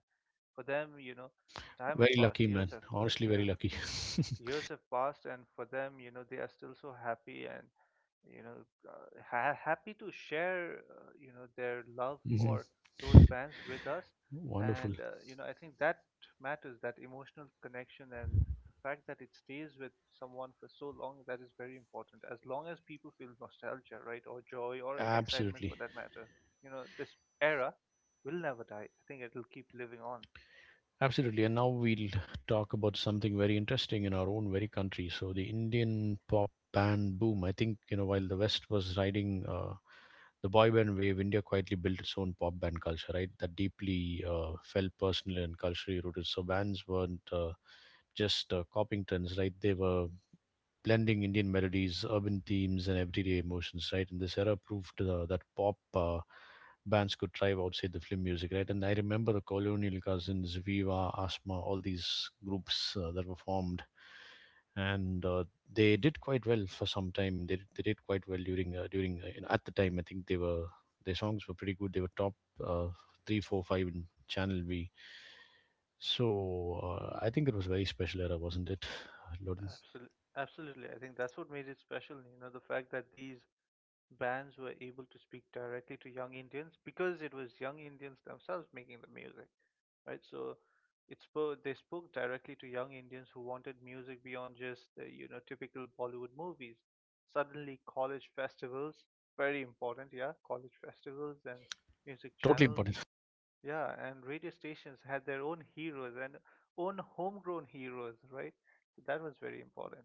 [SPEAKER 2] For them, you know, time has
[SPEAKER 1] Very
[SPEAKER 2] passed,
[SPEAKER 1] lucky,
[SPEAKER 2] years
[SPEAKER 1] man.
[SPEAKER 2] have,
[SPEAKER 1] Honestly, very
[SPEAKER 2] yeah,
[SPEAKER 1] lucky.
[SPEAKER 2] years have passed, and for them, you know, they are still so happy and, you know, happy to share, you know, their love
[SPEAKER 1] Hmm.
[SPEAKER 2] for those bands with us.
[SPEAKER 1] Wonderful.
[SPEAKER 2] And you know, I think that matters, that emotional connection, and the fact that it stays with someone for so long, that is very important. As long as people feel nostalgia, right, or joy or excitement for
[SPEAKER 1] Absolutely.
[SPEAKER 2] that matter, you know, this era will never die. I think it will keep living on.
[SPEAKER 1] Absolutely. And now we'll talk about something very interesting in our own very country. So the Indian pop band boom. I think, you know, while the West was riding the boy band wave, India quietly built its own pop band culture, right? That deeply felt personally and culturally rooted. So bands weren't just copying trends, right? They were blending Indian melodies, urban themes, and everyday emotions, right? And this era proved that pop bands could thrive outside the film music, right? And I remember the Colonial Cousins, Viva, Asma, all these groups that were formed, and they did quite well for some time. They did quite well during, you know, at the time. I think they were, their songs were pretty good. They were top uh, three, four, five in Channel V. So I think it was a very special era, wasn't it, Loden?
[SPEAKER 2] Absolutely, absolutely. I think that's what made it special, you know, the fact that these bands were able to speak directly to young Indians, because it was young Indians themselves making the music, right? So it spoke, they spoke directly to young Indians who wanted music beyond just the, you know, typical Bollywood movies. Suddenly, college festivals, very important, yeah, college festivals and music
[SPEAKER 1] Totally
[SPEAKER 2] channels.
[SPEAKER 1] important.
[SPEAKER 2] Yeah, and radio stations had their own heroes and own homegrown heroes, right? So that was very important.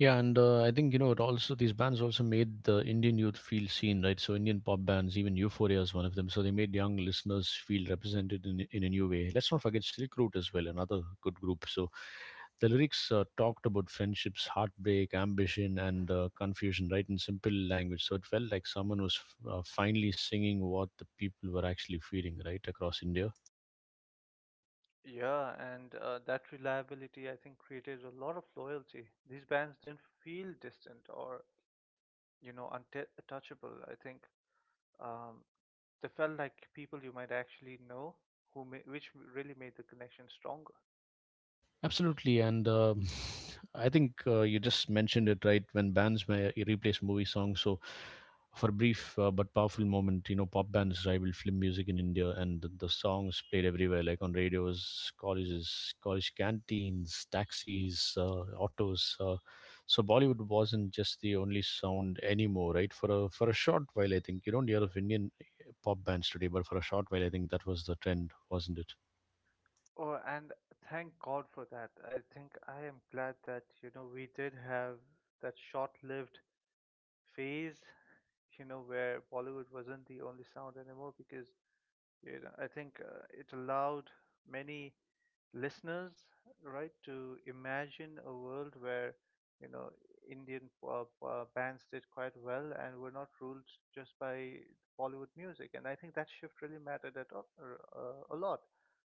[SPEAKER 1] Yeah, and I think, you know, it also, these bands also made the Indian youth feel seen, right? So Indian pop bands, even Euphoria is one of them. So they made young listeners feel represented in a new way. Let's not forget Silk Route as well, another good group. So the lyrics talked about friendships, heartbreak, ambition, and confusion, right, in simple language. So it felt like someone was finally singing what the people were actually feeling, right, across India.
[SPEAKER 2] Yeah, and that reliability, I think, created a lot of loyalty. These bands didn't feel distant or, you know, untouchable. I think um, they felt like people you might actually know, which really made the connection stronger.
[SPEAKER 1] Absolutely, and I think you just mentioned it, right, when bands may replace movie songs. So, for a brief but powerful moment, you know, pop bands rival film music in India, and the songs played everywhere, like on radios, colleges, college canteens, taxis, autos. So Bollywood wasn't just the only sound anymore, right? For a short while, I think you don't hear of Indian pop bands today, but for a short while, I think that was the trend, wasn't it?
[SPEAKER 2] Oh, and thank God for that. I think I am glad that, you know, we did have that short-lived phase, you know, where Bollywood wasn't the only sound anymore because you know, I think it allowed many listeners, right, to imagine a world where, you know, Indian bands did quite well and were not ruled just by Bollywood music. And I think that shift really mattered a lot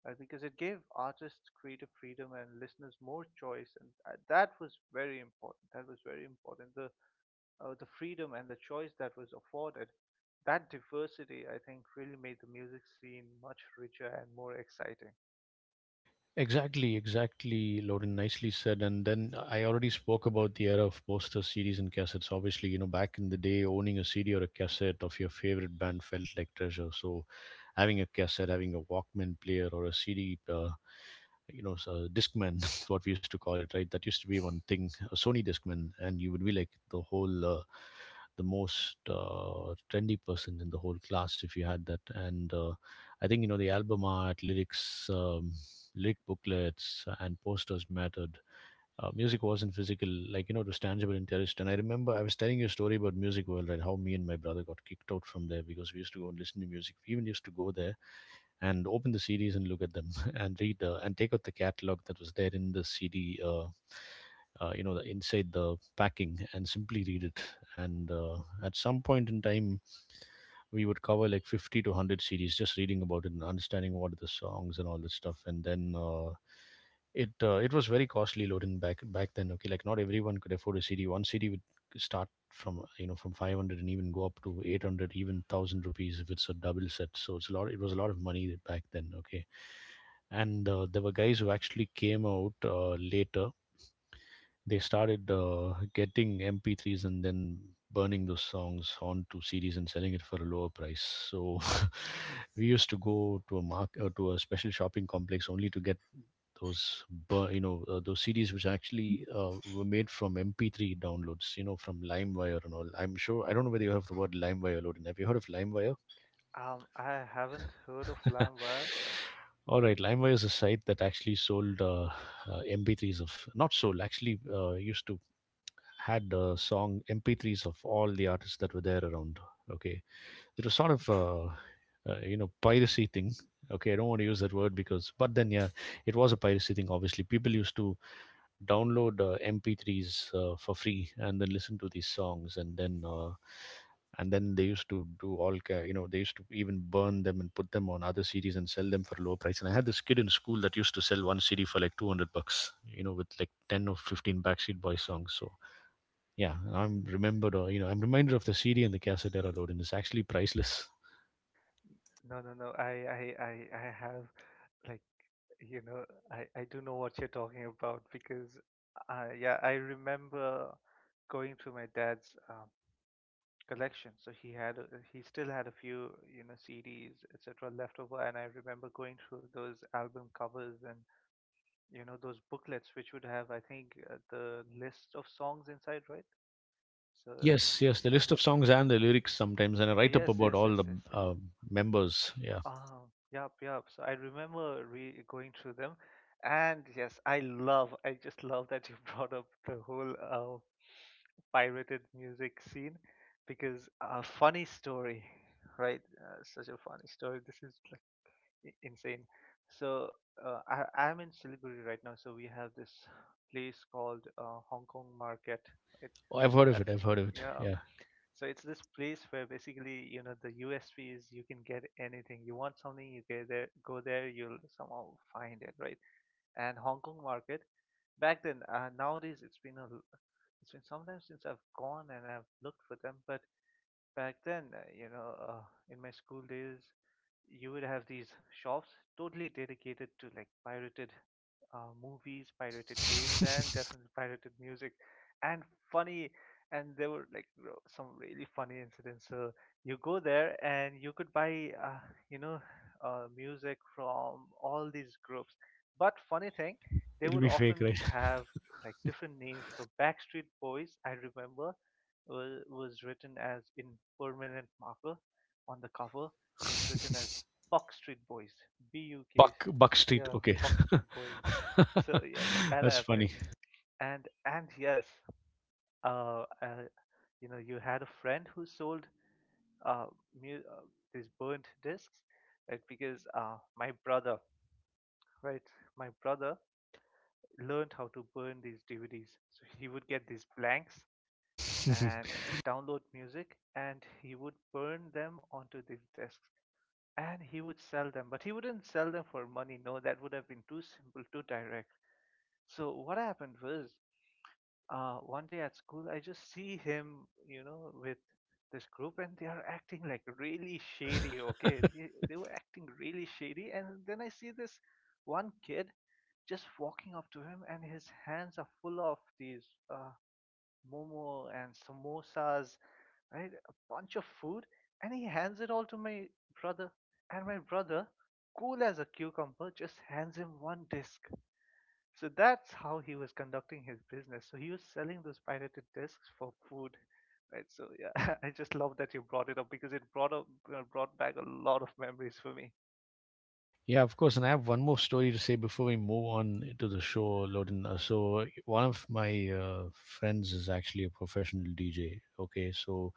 [SPEAKER 2] because it gave artists creative freedom and listeners more choice. And that was very important. That was very important. The freedom and the choice that was afforded that diversity, I think, really made the music scene much richer and more exciting.
[SPEAKER 1] Exactly, exactly, Loden. Nicely said. And then I already spoke about the era of posters, CDs, and cassettes. Obviously, you know, back in the day, owning a CD or a cassette of your favorite band felt like treasure. So, having a cassette, having a Walkman player, or a CD, you know, so Discman, what we used to call it, right? That used to be one thing, a Sony Discman, and you would be like the whole, the most trendy person in the whole class if you had that. And I think, you know, the album art, lyrics, lyric booklets, and posters mattered. Music wasn't physical, like, you know, it was tangible and terrorist. And I remember, I was telling you a story about Music World and how me and my brother got kicked out from there because we used to go and listen to music. We even used to go there and open the CDs and look at them and read, and take out the catalog that was there in the CD, you know, the inside the packing, and simply read it. And At some point in time, we would cover like 50 to 100 CDs just reading about it and understanding what are the songs and all that stuff. And then it was very costly, loading back then. Okay, like, not everyone could afford a CD. One CD would start from, you know, from 500 and even go up to 800, even 1000 rupees if it's a double set. So it's a lot, it was a lot of money back then, okay. and There were guys who actually came out later. They started getting MP3s and then burning those songs onto CDs and selling it for a lower price. So we used to go to a mark to a special shopping complex only to get those you know, those CDs which actually were made from MP3 downloads, you know, from LimeWire and all. I'm sure, I don't know whether you have the word LimeWire loaded. Have you heard of LimeWire?
[SPEAKER 2] I haven't heard of LimeWire.
[SPEAKER 1] All right, LimeWire is a site that actually sold MP3s of, not sold, actually used to had song MP3s of all the artists that were there around. Okay, it was sort of you know, piracy thing. Okay, I don't want to use that word because, but then yeah, it was a piracy thing. Obviously, people used to download MP3s for free and then listen to these songs, and then they used to do all you know, they used to even burn them and put them on other CDs and sell them for a lower price. And I had this kid in school that used to sell one CD for like $200, you know, with like 10 or 15 backseat boy songs. So yeah, I'm remembered, or you know, I'm reminded of the CD and the cassette era, dude, and it's actually priceless.
[SPEAKER 2] No, I have like you know, I do know what you're talking about because, yeah, I remember going through my dad's collection. So he still had a few, you know, CDs, etc., left over, and I remember going through those album covers and you know those booklets which would have, I think, the list of songs inside, right? So
[SPEAKER 1] Yes, yes, the
[SPEAKER 2] yeah,
[SPEAKER 1] list of songs and the lyrics sometimes, and a write up
[SPEAKER 2] yes,
[SPEAKER 1] about
[SPEAKER 2] yes,
[SPEAKER 1] all
[SPEAKER 2] yes,
[SPEAKER 1] the
[SPEAKER 2] yes, yes.
[SPEAKER 1] uh, members. Yeah,
[SPEAKER 2] Um, yup, Yup. So I remember re going through them, and yes, I just love that you brought up the whole pirated music scene because a funny story, right? Such a funny story. This is like insane. So I'm in Siliguri right now, so we have this place called Hong Kong Market. It
[SPEAKER 1] oh, I've
[SPEAKER 2] so
[SPEAKER 1] heard of
[SPEAKER 2] that's
[SPEAKER 1] it. I've heard of it.
[SPEAKER 2] yeah
[SPEAKER 1] Yeah,
[SPEAKER 2] So it's this place where basically, you know, the USP is you can get anything. You want something, go there, you'll somehow find it, right? And Hong Kong Market back then, nowadays it's been a l- it's been sometimes since I've gone and I've looked for them, but back then, you know, in my school days, you would have these shops totally dedicated to like pirated movies, pirated games, and definitely pirated music, and funny. And there were like some really funny incidents. So you go there and you could buy, you know, music from all these groups. But funny thing, they
[SPEAKER 1] it'll
[SPEAKER 2] would
[SPEAKER 1] be fake,
[SPEAKER 2] often
[SPEAKER 1] right?
[SPEAKER 2] have like different names. So Backstreet Boys, I remember, was written as in permanent marker on the cover was written as Backstreet Boys, B-U-K,
[SPEAKER 1] Buck Buck Street.
[SPEAKER 2] yeah,
[SPEAKER 1] Okay,
[SPEAKER 2] Backstreet Boys. So yeah, that
[SPEAKER 1] that's funny.
[SPEAKER 2] happened, and yes, uh, uh you know, you had a friend who sold uh, mu- uh these burnt discs, right? Because right, my brother learned how to burn these DVDs. So he would get these blanks and download music, and he would burn them onto these discs. And he would sell them, but he wouldn't sell them for money. No, that would have been too simple, too direct. So what happened was one day at school I just see him, you know, with this group, and they are acting like really shady. Okay, they were acting really shady, and then I see this one kid just walking up to him, and his hands are full of these uh, momo and samosas, right? A bunch of food, and he hands it all to my brother. And my brother, cool as a cucumber, just hands him one disc. So that's how he was conducting his business. So he was selling those pirated discs for food, right? So yeah, I just love that you brought it up because it brought back a lot of memories for me.
[SPEAKER 1] Yeah, of course. And I have one more story to say before we move on to the show, Loden. So, one of my friends is actually a professional DJ. Okay, so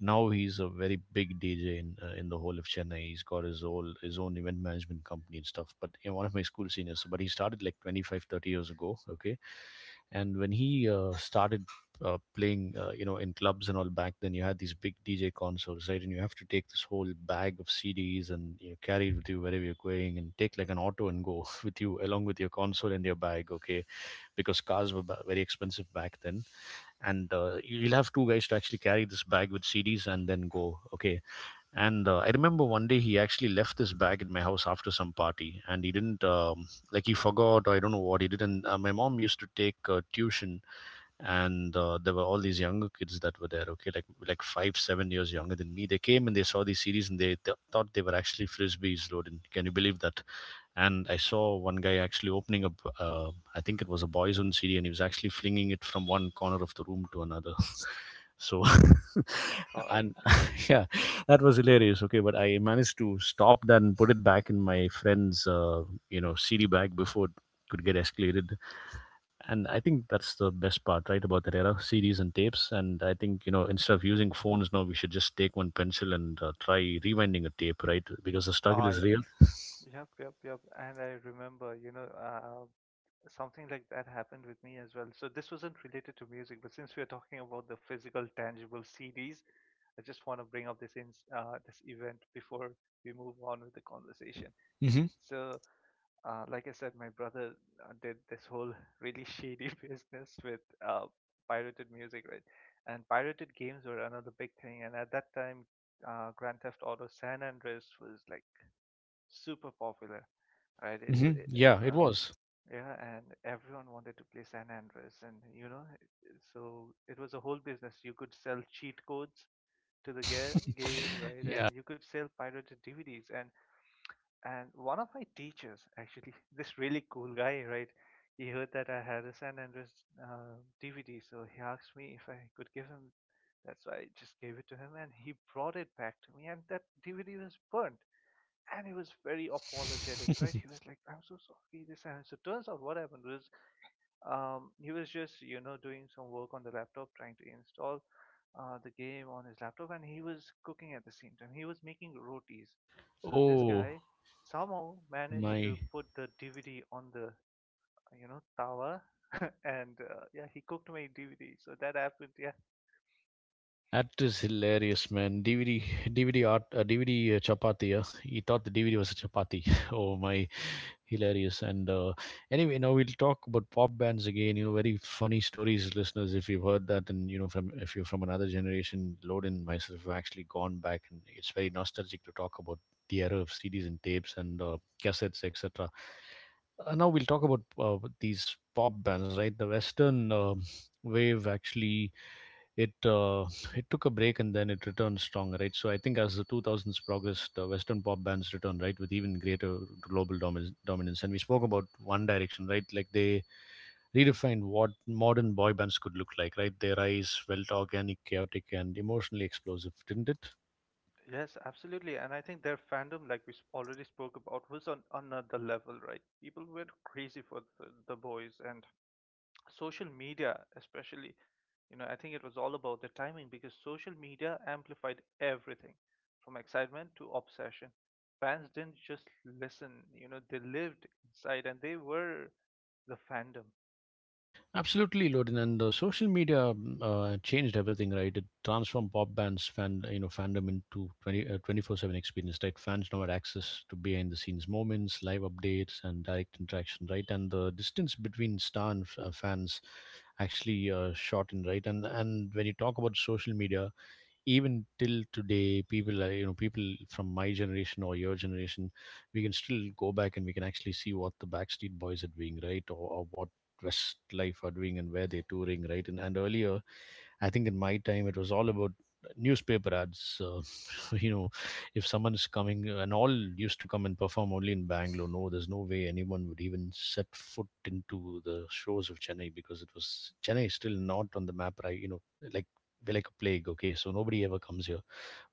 [SPEAKER 1] now he's a very big DJ in the whole of Chennai. He's got his own event management company and stuff. But you know, one of my school seniors. So, but he started like 25, 30 years ago. Okay, and when he started, playing, you know, in clubs and all back then, you had these big DJ consoles, right? And you have to take this whole bag of CDs and, you know, carry it with you wherever you're going, and take like an auto and go with you along with your console and your bag, okay? Because cars were very expensive back then, and you'll have two guys to actually carry this bag with CDs and then go, okay? And I remember one day he actually left this bag at my house after some party, and he didn't like he forgot or I don't know what he did. And my mom used to take tuition, and there were all these younger kids that were there, okay, like 5 7 years younger than me. They came and they saw these series and they thought they were actually frisbees, Rodin. Can you believe that? And I saw one guy actually opening up, I think it was a boys on cd, and he was actually flinging it from one corner of the room to another. So
[SPEAKER 2] Oh my God,
[SPEAKER 1] and
[SPEAKER 2] yeah.
[SPEAKER 1] yeah, that was hilarious, okay, but I managed to stop that and put it back in my friend's, you know, CD bag before it could get escalated. And I think that's the best part, right, about that era, CDs and tapes. And I think, you know, instead of using phones
[SPEAKER 2] Hmm.
[SPEAKER 1] now, we should just take one pencil and try rewinding a tape, right? Because the struggle
[SPEAKER 2] Ah,
[SPEAKER 1] is
[SPEAKER 2] yeah.
[SPEAKER 1] real.
[SPEAKER 2] Yep. And I remember, you know, something like that happened with me as well. So this wasn't related to music, but since we are talking about the physical, tangible CDs, I just want to bring up this this event before we move on with the conversation.
[SPEAKER 1] Hmm.
[SPEAKER 2] So, like I said, my brother did this whole really shady business with uh, pirated music, right? And pirated games were another big thing. And at that time, Grand Theft Auto San Andreas was like super popular, right?
[SPEAKER 1] Hmm. Yeah,
[SPEAKER 2] Uh,
[SPEAKER 1] it
[SPEAKER 2] um,
[SPEAKER 1] was.
[SPEAKER 2] yeah, and everyone wanted to play San Andreas, and you know, so it was a whole business. You could sell cheat codes to the game, right?
[SPEAKER 1] Yeah.
[SPEAKER 2] And you could sell pirated DVDs. And one of my teachers, actually, this really cool guy, right? He heard that I had a San Andreas uh, DVD, so he asked me if I could give him. That's why I just gave it to him, and he brought it back to me, and that DVD was burnt, and he was very apologetic, right? He was like, "I'm so sorry, this and so." Turns out, what happened was he was just, you know, doing some work on the laptop, trying to install the game on his laptop, and he was cooking at the same time. He was making rotis. So this
[SPEAKER 1] Oh
[SPEAKER 2] guy somehow managed
[SPEAKER 1] my,
[SPEAKER 2] to put the DVD on the, you know, tower, and yeah, he cooked my DVD. So that happened, yeah.
[SPEAKER 1] that is hilarious, man. DVD, DVD art, DVD chapati. Yeah? He thought the DVD was a chapati. Oh my. Hilarious. And anyway, now we'll talk about pop bands again. You know, very funny stories, listeners. If you've heard that, and you know, from if you're from another generation, Lord and myself have actually gone back, and it's very nostalgic to talk about the era of CDs and tapes and cassettes, etc. Now we'll talk about, these pop bands, right? The Western wave actually, it it took a break and then it returned strong, right? So I think as the 2000s progressed, Western pop bands returned, right, with even greater dominance. And we spoke about One Direction, right? Like they redefined what modern boy bands could look like, right? Their rise felt organic, chaotic, and emotionally explosive, didn't it?
[SPEAKER 2] Yes, absolutely. And I think their fandom, already spoke about, was on another level, right? People were crazy for the boys, and social media especially. You know, I think it was all about the timing because social media amplified everything from excitement to obsession. Fans didn't just listen, you know, they lived inside and they were the fandom.
[SPEAKER 1] Absolutely, Loden, and the social media changed everything, right? It transformed pop bands you know, fandom into 24/7 experience, right? Fans now had access to behind the scenes moments, live updates, and direct interaction, right? And the distance between star and fans actually shortened, right? And when you talk about social media, even till today, people are, you know, people from my generation or your generation, we can still go back and we can actually see what the Backstreet Boys are doing, right? Or what Westlife are doing and where they're touring, right? And earlier, I think in my time, it was all about newspaper ads, you know, if someone is coming, and all used to come and perform only in Bangalore. No, there's no way anyone would even set foot into the shores of Chennai because it was, Chennai is still not on the map, right? You know, like like a plague. Okay, so nobody ever comes here,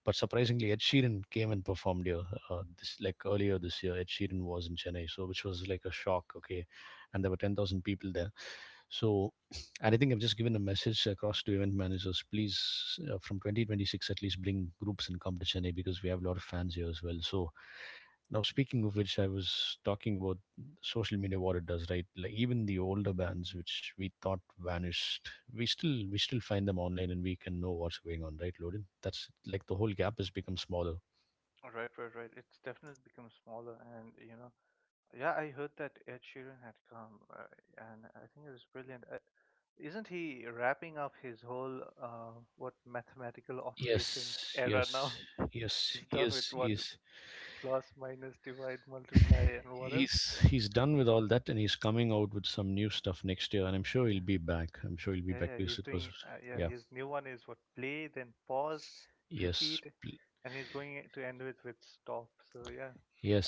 [SPEAKER 1] but surprisingly, Ed Sheeran came and performed here. This, like earlier this year, Ed Sheeran was in Chennai, so which was like a shock. Okay, and there were 10,000 people there. So, and I think I've just given a message across to event managers. Please, from 2026 at least, bring groups and come to Chennai because we have a lot of fans here as well. So, now, speaking of which, I was talking about social media, what it does, right? Like even the older bands, which we thought vanished, we still find them online, and we can know what's going on, right, Loden? That's like the whole gap has become smaller.
[SPEAKER 2] Right, right, right. It's definitely become smaller, and, you know, yeah, I heard that Ed Sheeran had come and I think it was brilliant. Isn't he wrapping up his whole, what, mathematical operations
[SPEAKER 1] Yes,
[SPEAKER 2] era
[SPEAKER 1] yes,
[SPEAKER 2] now?
[SPEAKER 1] yes,
[SPEAKER 2] He's done with
[SPEAKER 1] yes,
[SPEAKER 2] what?
[SPEAKER 1] yes.
[SPEAKER 2] Plus, minus, divide, multiply, and what else?
[SPEAKER 1] He's done with all that, and he's coming out with some new stuff next year, and I'm sure he'll
[SPEAKER 2] Yeah.
[SPEAKER 1] be back. I'm sure he'll be
[SPEAKER 2] Yeah,
[SPEAKER 1] back
[SPEAKER 2] yeah,
[SPEAKER 1] because
[SPEAKER 2] he's
[SPEAKER 1] it was,
[SPEAKER 2] doing. Yeah,
[SPEAKER 1] yeah,
[SPEAKER 2] his new one is what, play, then pause,
[SPEAKER 1] yes,
[SPEAKER 2] repeat, and he's going to end it with stop. So yeah,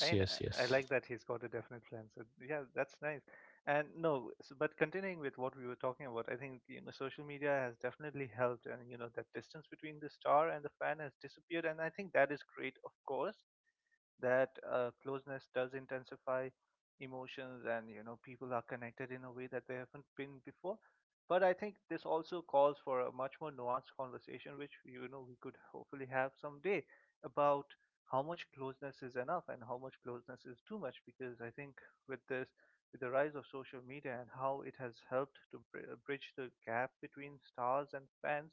[SPEAKER 2] I mean,
[SPEAKER 1] yes,
[SPEAKER 2] I
[SPEAKER 1] yes.
[SPEAKER 2] like that he's got a definite plan. So yeah, that's nice. And no, so, but continuing with what we were talking about, I think you know social media has definitely helped, and you know that distance between the star and the fan has disappeared, and I think that is great. Of course, that closeness does intensify emotions, and you know people are connected in a way that they haven't been before. But I think this also calls for a much more nuanced conversation, which you know we could hopefully have someday, about how much closeness is enough and how much closeness is too much. Because I think with this, with the rise of social media and how it has helped to bridge the gap between stars and fans,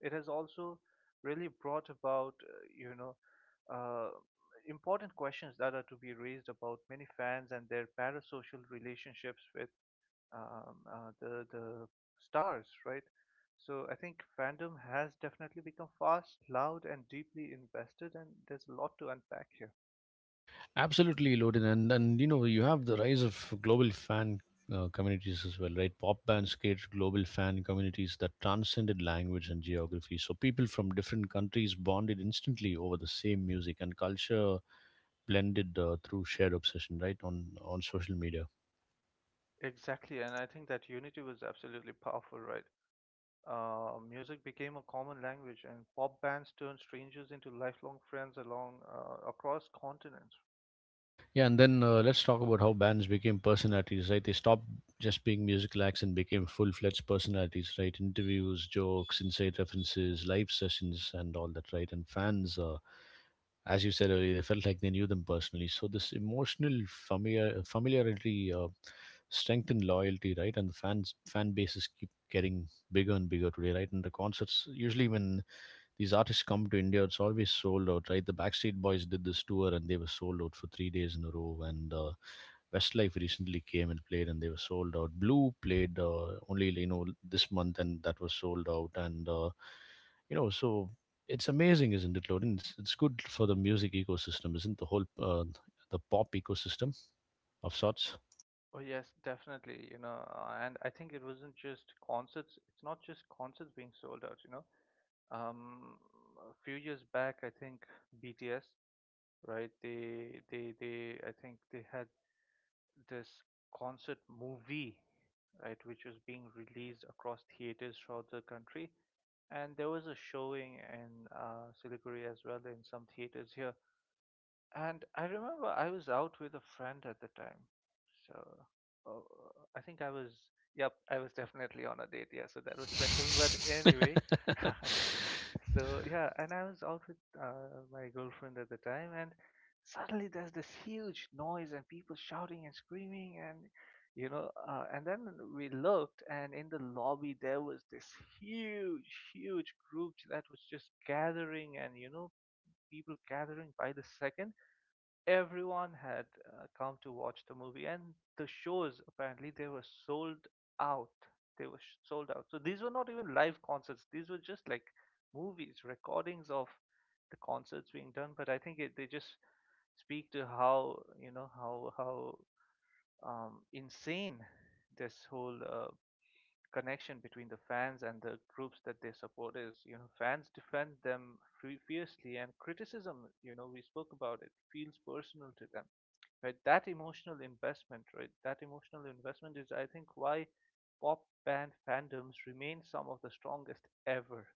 [SPEAKER 2] it has also really brought about, you know, uh, important questions that are to be raised about many fans and their parasocial relationships with the stars, right? So I think fandom has definitely become fast, loud, and deeply invested, and there's a lot to unpack here.
[SPEAKER 1] Absolutely, Lodin, and you know you have the rise of global fan, communities as well, right? Pop bands created global fan communities that transcended language and geography. So people from different countries bonded instantly over the same music, and culture blended through shared obsession, right? On social media.
[SPEAKER 2] Exactly, and I think that unity was absolutely powerful, right? Music became a common language, and pop bands turned strangers into lifelong friends along across continents.
[SPEAKER 1] Yeah, and then let's talk about how bands became personalities, right? They stopped just being musical acts and became full-fledged personalities, right? Interviews, jokes, inside references, live sessions, and all that, right? And fans. As you said earlier, they felt like they knew them personally. So this familiarity strengthened loyalty, right? And the fan bases keep getting bigger and bigger today, right? And the concerts, usually when these artists come to India, it's always sold out, right? The Backstreet Boys did this tour and they were sold out for 3 days in a row. And Westlife recently came and played and they were sold out. Blue played only, you know, this month and that was sold out. And, you know, so it's amazing, isn't it, Lorin? It's good for the music ecosystem, isn't it? The whole the pop ecosystem of sorts?
[SPEAKER 2] Oh yes, definitely. You know, and I think it wasn't just concerts. It's not just concerts being sold out. You know, um, a few years back, I think BTS, right? They, they. I think they had this concert movie, right, which was being released across theaters throughout the country, and there was a showing in Siliguri as well in some theaters here. And I remember I was out with a friend at the time, so oh, I think I was. Yep, I was definitely on a date. Yeah, so that was special. But anyway, so yeah, and I was out with my girlfriend at the time, and suddenly there's this huge noise and people shouting and screaming, and and then we looked, and in the lobby there was this huge, huge group that was just gathering, and you know, people gathering by the second. Everyone had come to watch the movie, and the shows apparently they were sold out, they were sold out. So these were not even live concerts, these were just like movies, recordings of the concerts being done. But I think they just speak to how, you know, how insane this whole connection between the fans and the groups that they support is. You know, fans defend them fiercely, and criticism, you know, we spoke about, it feels personal to them, right? That emotional investment, right, that emotional investment is, I think, why pop band fandoms remain some of the strongest ever.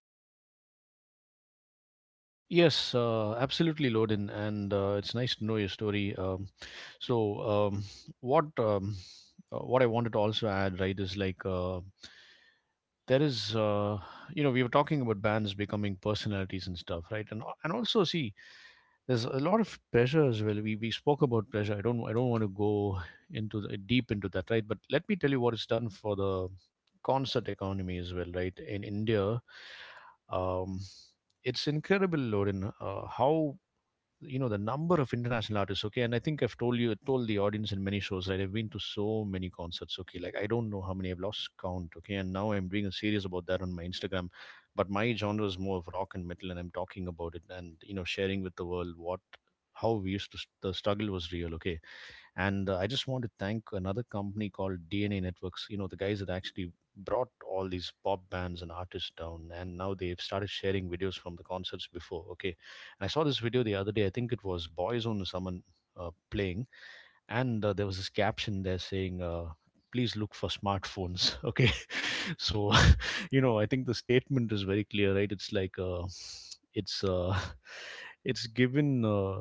[SPEAKER 1] Yes, absolutely, Loden, and it's nice to know your story. So, what um, what I wanted to also add, right, is there is, you know, we were talking about bands becoming personalities and stuff, right? And also, see, there's a lot of pressure as well. We spoke about pressure. I don't want to go into the, deep into that, right? But let me tell you what it's done for the concert economy as well, right? In India, um it's incredible, Lorin. How, you know, the number of international artists, okay? And I think I've told you told the audience in many shows, right? I've been to so many concerts, okay? Like, I don't know how many, I've lost count, okay? And now I'm doing a series about that on my Instagram, but my genre is more of rock and metal and I'm talking about it. And, you know, sharing with the world what how we used to, the struggle was real, okay. And I just want to thank another company called DNA Networks, you know, the guys that actually brought all these pop bands and artists down. And now they've started sharing videos from the concerts before, okay. And I saw this video the other day, I think it was Boyzone or someone, playing. And there was this caption there saying, "Please look for smartphones." Okay, so, you know, I think the statement is very clear, right? It's it's given,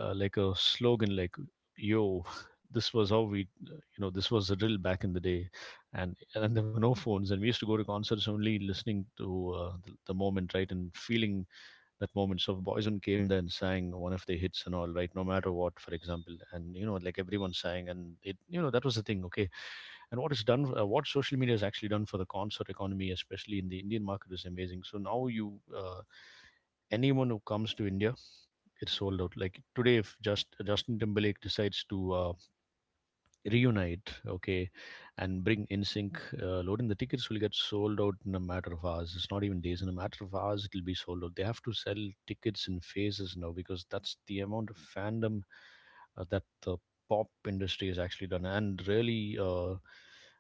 [SPEAKER 1] like a slogan, like, yo, this was how we, you know, this was the drill back in the day. And there were no phones and we used to go to concerts only listening to, the moment, right, and feeling that moment. So Boyzone came, then sang one of the hits and all, right? No matter what, for example. And you know, like everyone sang, and it, you know, that was the thing. Okay, and what it's done, what social media has actually done for the concert economy, especially in the Indian market, is amazing. So now anyone who comes to India, it's sold out. Like today, if just Justin Timberlake decides to reunite, okay, and bring In Sync, loading, the tickets will get sold out in a matter of hours. It's not even days, in a matter of hours it'll be sold out. They have to sell tickets in phases now because that's the amount of fandom that the pop industry has actually done. And really,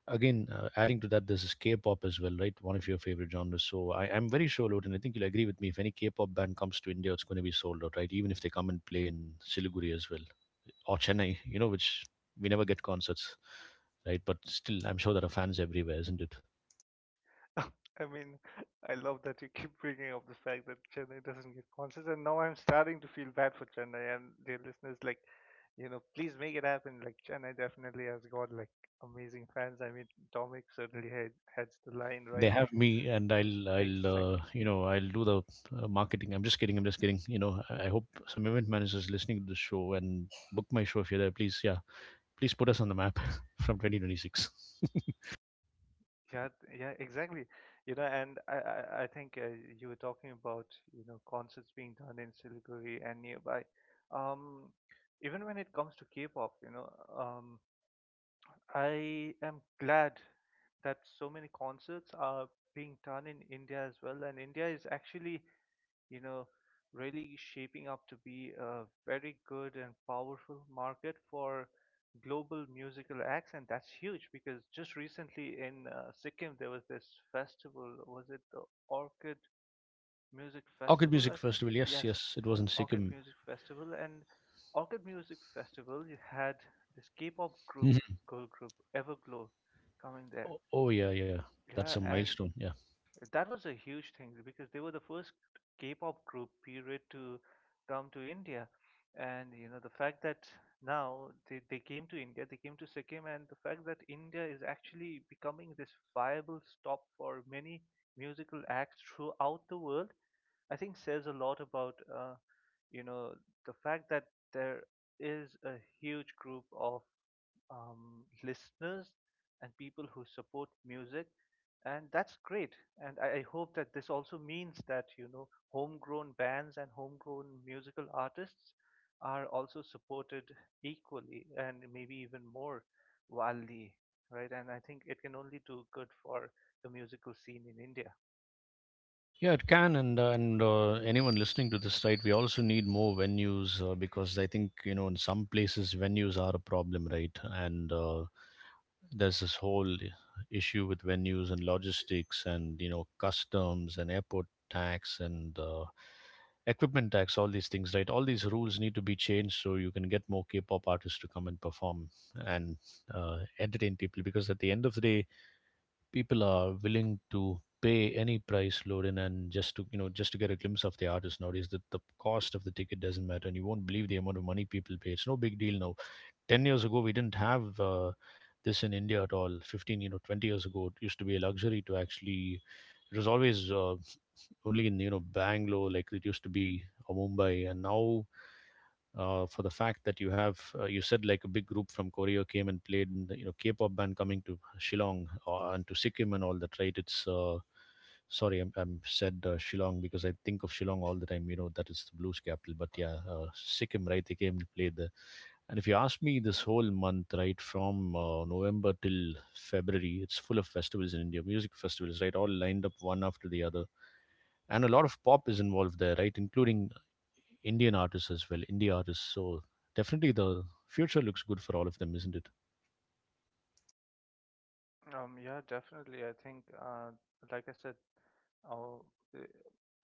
[SPEAKER 1] again adding to that, this is K-pop as well, right? One of your favorite genres. So I'm very sure, Loden, I think you'll agree with me, if any K-pop band comes to India, it's going to be sold out, right? Even if they come and play in Siliguri as well, or Chennai, you know, which we never get concerts, right? But still, I'm sure there are fans everywhere, isn't it?
[SPEAKER 2] I mean, I love that you keep bringing up the fact that Chennai doesn't get concerts, and now I'm starting to feel bad for Chennai and their listeners. Like, you know, please make it happen. Like, Chennai definitely has got like amazing fans. I mean, Dominic certainly heads the line,
[SPEAKER 1] They
[SPEAKER 2] right?
[SPEAKER 1] have me, and I'll
[SPEAKER 2] Exactly.
[SPEAKER 1] you know, I'll do the marketing. I'm just kidding, I'm just kidding. You know, I hope some event managers listening to the show and book my show. If you're there, please, yeah, please put us on the map. From 2026.
[SPEAKER 2] Yeah, yeah, exactly. You know, and I think you were talking about, you know, concerts being done in Siliguri and nearby. Um, Even when it comes to K-pop, you know, um, I am glad that so many concerts are being done in India as well. And India is actually, you know, really shaping up to be a very good and powerful market for global musical acts. And that's huge because just recently in Sikkim, there was this festival. Was it the Orchid Music
[SPEAKER 1] Orchid
[SPEAKER 2] Festival,
[SPEAKER 1] Music
[SPEAKER 2] I think?
[SPEAKER 1] Festival. Yes,
[SPEAKER 2] Yes.
[SPEAKER 1] yes, it was in
[SPEAKER 2] Orchid
[SPEAKER 1] Sikkim.
[SPEAKER 2] Music Festival, and Orchid Music Festival, you had this K-pop group,
[SPEAKER 1] Mhm.
[SPEAKER 2] girl group, Everglow, coming there.
[SPEAKER 1] Oh, oh yeah, yeah. That's a
[SPEAKER 2] Yeah, and
[SPEAKER 1] milestone. Yeah,
[SPEAKER 2] that was a huge thing because they were the first K-pop group period to come to India, and you know the fact that now they came to India, they came to Sikkim, and the fact that India is actually becoming this viable stop for many musical acts throughout the world, I think says a lot about you know, the fact that there is a huge group of listeners and people who support music, and that's great. And I hope that this also means that, you know, homegrown bands and homegrown musical artists are also supported equally and maybe even more wildly, right? And I think it can only do good for the musical scene in India.
[SPEAKER 1] yeah, it can. And anyone listening to this, right? We also need more venues because I think, you know, in some places venues are a problem, right? And there's this whole issue with venues and logistics and, you know, customs and airport tax and, equipment tax, all these things, right? All these rules need to be changed so you can get more K-pop artists to come and perform and entertain people. Because at the end of the day, people are willing to pay any price, loading, and just to, you know, just to get a glimpse of the artist nowadays, that the cost of the ticket doesn't matter. And you won't believe the amount of money people pay, it's no big deal now. 10 years ago we didn't have, this in India at all. 15, you know, 20 years ago, it used to be a luxury to actually, it was always, only in, you know, Bangalore like it used to be, or Mumbai. And now, for the fact that you have, you said, like, a big group from Korea came and played in the, you know, K-pop band coming to Shillong and to Sikkim and all that, right? It's sorry, I'm said, Shillong because I think of Shillong all the time. You know that is the blues capital, but yeah, Sikkim, right? They came and played there. And if you ask me, this whole month, right, from November till February, it's full of festivals in India, music festivals, right, all lined up one after the other. And a lot of pop is involved there, right, including Indian artists as well, indie artists. So definitely the future looks good for all of them, isn't it?
[SPEAKER 2] Yeah, definitely. I think, like I said, uh, eh,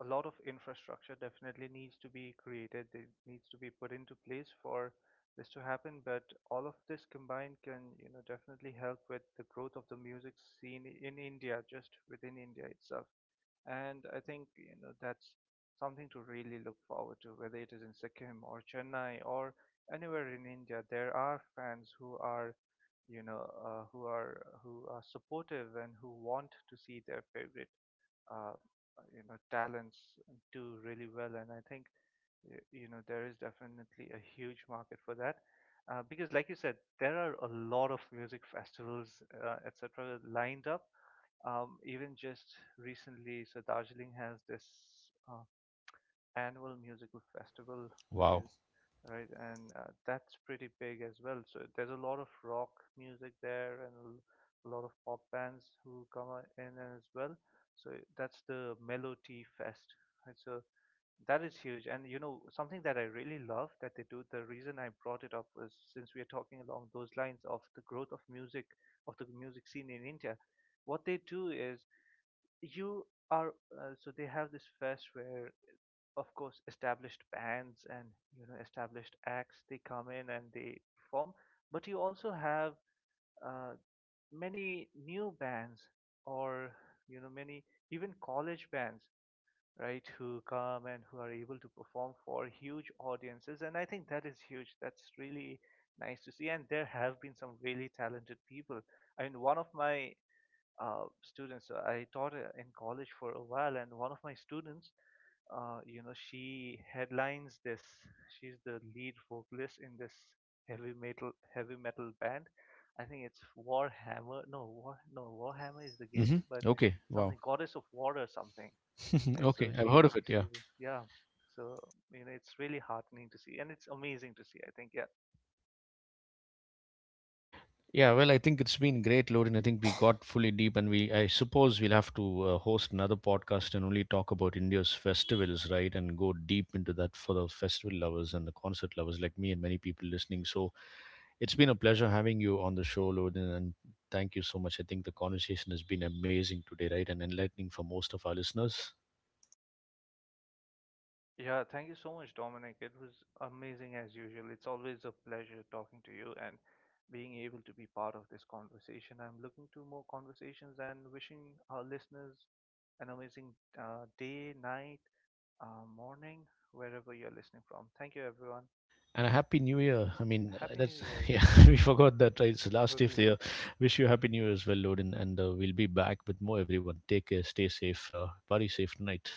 [SPEAKER 2] a lot of infrastructure definitely needs to be created. It needs to be put into place for this to happen. But all of this combined can, you know, definitely help with the growth of the music scene in India, just within India itself. And I think, you know, that's something to really look forward to, whether it is in Sikkim or Chennai or anywhere in India. There are fans who are, you know, who are supportive and who want to see their favorite, uh, you know, talents do really well. And I think you know there is definitely a huge market for that. Because, like you said, there are a lot of music festivals, etc., lined up. Even just recently, so Darjeeling has this uh, annual musical festival, which
[SPEAKER 1] Wow.
[SPEAKER 2] is right? And that's pretty big as well. So there's a lot of rock music there and a lot of pop bands who come out in as well. So that's the Melody Fest. Right? So that is huge. And you know, something that I really love that they do, the reason I brought it up was since we are talking along those lines of the growth of music, of the music scene in India, what they do is you are, so they have this fest where of course established bands and you know established acts, they come in and they perform, but you also have uh, many new bands or you know many even college bands, right, who come and who are able to perform for huge audiences. And I think that is huge. That's really nice to see, and there have been some really talented people. I mean, one of my students, I taught in college for a while, and one of my students, you know, she headlines this. She's the lead vocalist in this heavy metal band. I think it's Warhammer. No, War no Warhammer is the game,
[SPEAKER 1] Hmm.
[SPEAKER 2] but
[SPEAKER 1] Okay. Wow.
[SPEAKER 2] something Goddess of War or something. And
[SPEAKER 1] Okay.
[SPEAKER 2] so
[SPEAKER 1] I've. Mm. Heard of it. Yeah.
[SPEAKER 2] she's, yeah. So you know, it's really heartening to see, and it's amazing to see. I think yeah.
[SPEAKER 1] Yeah. Well, I think it's been great, Lorin. I think we got fully deep, and we, I suppose, we'll have to host another podcast and only talk about India's festivals, right? And go deep into that for the festival lovers and the concert lovers like me and many people listening. So it's been a pleasure having you on the show, Lorin, and thank you so much. I think the conversation has been amazing today, right? And enlightening for most of our listeners.
[SPEAKER 2] Yeah, thank you so much, Dominic. It was amazing as usual. It's always a pleasure talking to you and being able to be part of this conversation. I'm looking to more conversations and wishing our listeners an amazing day, night, morning, wherever you're listening from. Thank you, everyone.
[SPEAKER 1] And a happy new year. I mean,
[SPEAKER 2] Happy New
[SPEAKER 1] that's
[SPEAKER 2] Year. Yeah,
[SPEAKER 1] yeah, we forgot that, right? It's the last day of
[SPEAKER 2] totally.
[SPEAKER 1] the year. Wish you a happy new year as well, Loden, and we'll be back with more. Everyone, take care, stay safe, party safe tonight.